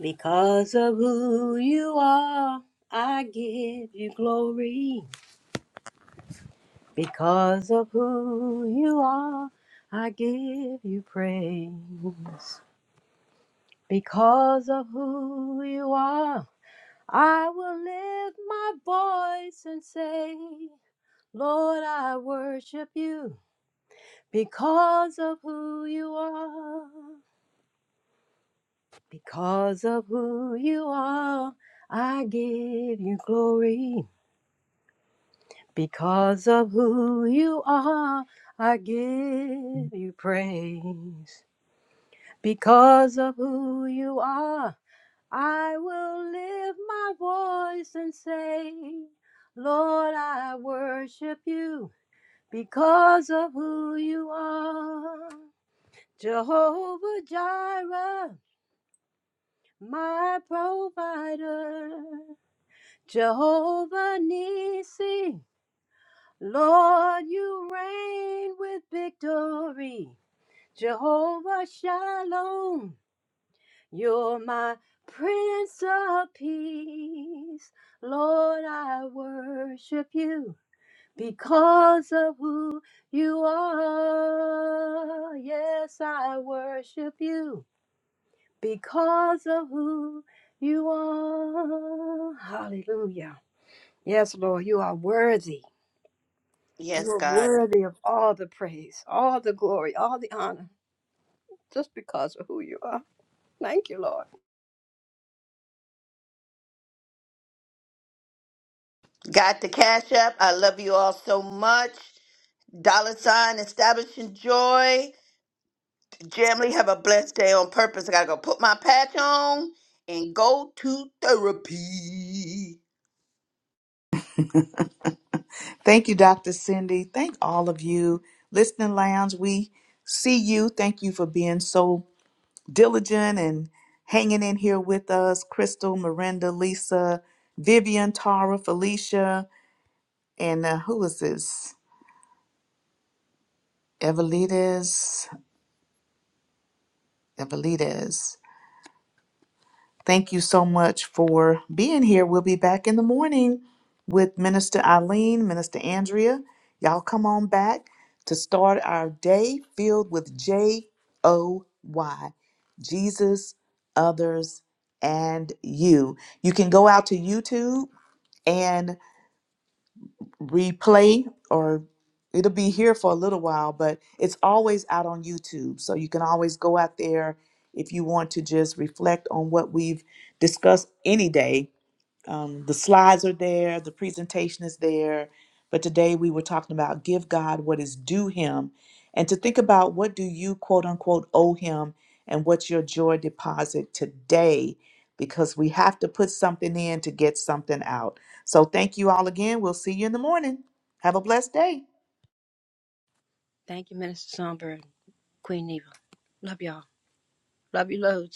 [SPEAKER 8] Because of who you are, I give you glory. Because of who you are, I give you praise. Because of who you are. I will lift my voice and say, Lord, I worship you because of who you are. Because of who you are, I give you glory. Because of who you are, I give you praise. Because of who you are, I will lift my voice and say, Lord, I worship you because of who you are. Jehovah Jireh, my provider. Jehovah Nissi, Lord, you reign with victory. Jehovah Shalom, you're my Prince of Peace. Lord, I worship you. because of who you are. Yes, I worship you because of who you are. Hallelujah. Yes, Lord, you are worthy. You
[SPEAKER 5] Yes,
[SPEAKER 8] are
[SPEAKER 5] God.
[SPEAKER 8] worthy of all the praise, all the glory, all the honor, just because of who you are. Thank you, Lord.
[SPEAKER 5] Got the cash app. I love you all so much. Dollar sign, establishing joy. Jamily, have a blessed day on purpose. I got to go put my patch on and go to therapy.
[SPEAKER 3] Thank you, Dr. Cindy. Thank all of you. Listening Lounge, we see you. Thank you for being so diligent and hanging in here with us. Crystal, Miranda, Lisa, Vivian, Tara, Felicia, and uh, who is this? Evelides. Evelides. Thank you so much for being here. We'll be back in the morning with Minister Eileen, Minister Andrea. Y'all come on back to start our day filled with J O Y Jesus, others, and you. You can go out to YouTube and replay or it'll be here for a little while, but it's always out on YouTube. So you can always go out there if you want to just reflect on what we've discussed any day um, the slides are there, the presentation is there. But today we were talking about give God what is due him and to think about what do you quote unquote owe him and what's your joy deposit today because we have to put something in to get something out. So thank you all again. We'll see you in the morning. Have a blessed day.
[SPEAKER 8] Thank you, Minister Songbird, Queen Eva. Love y'all. Love you loads.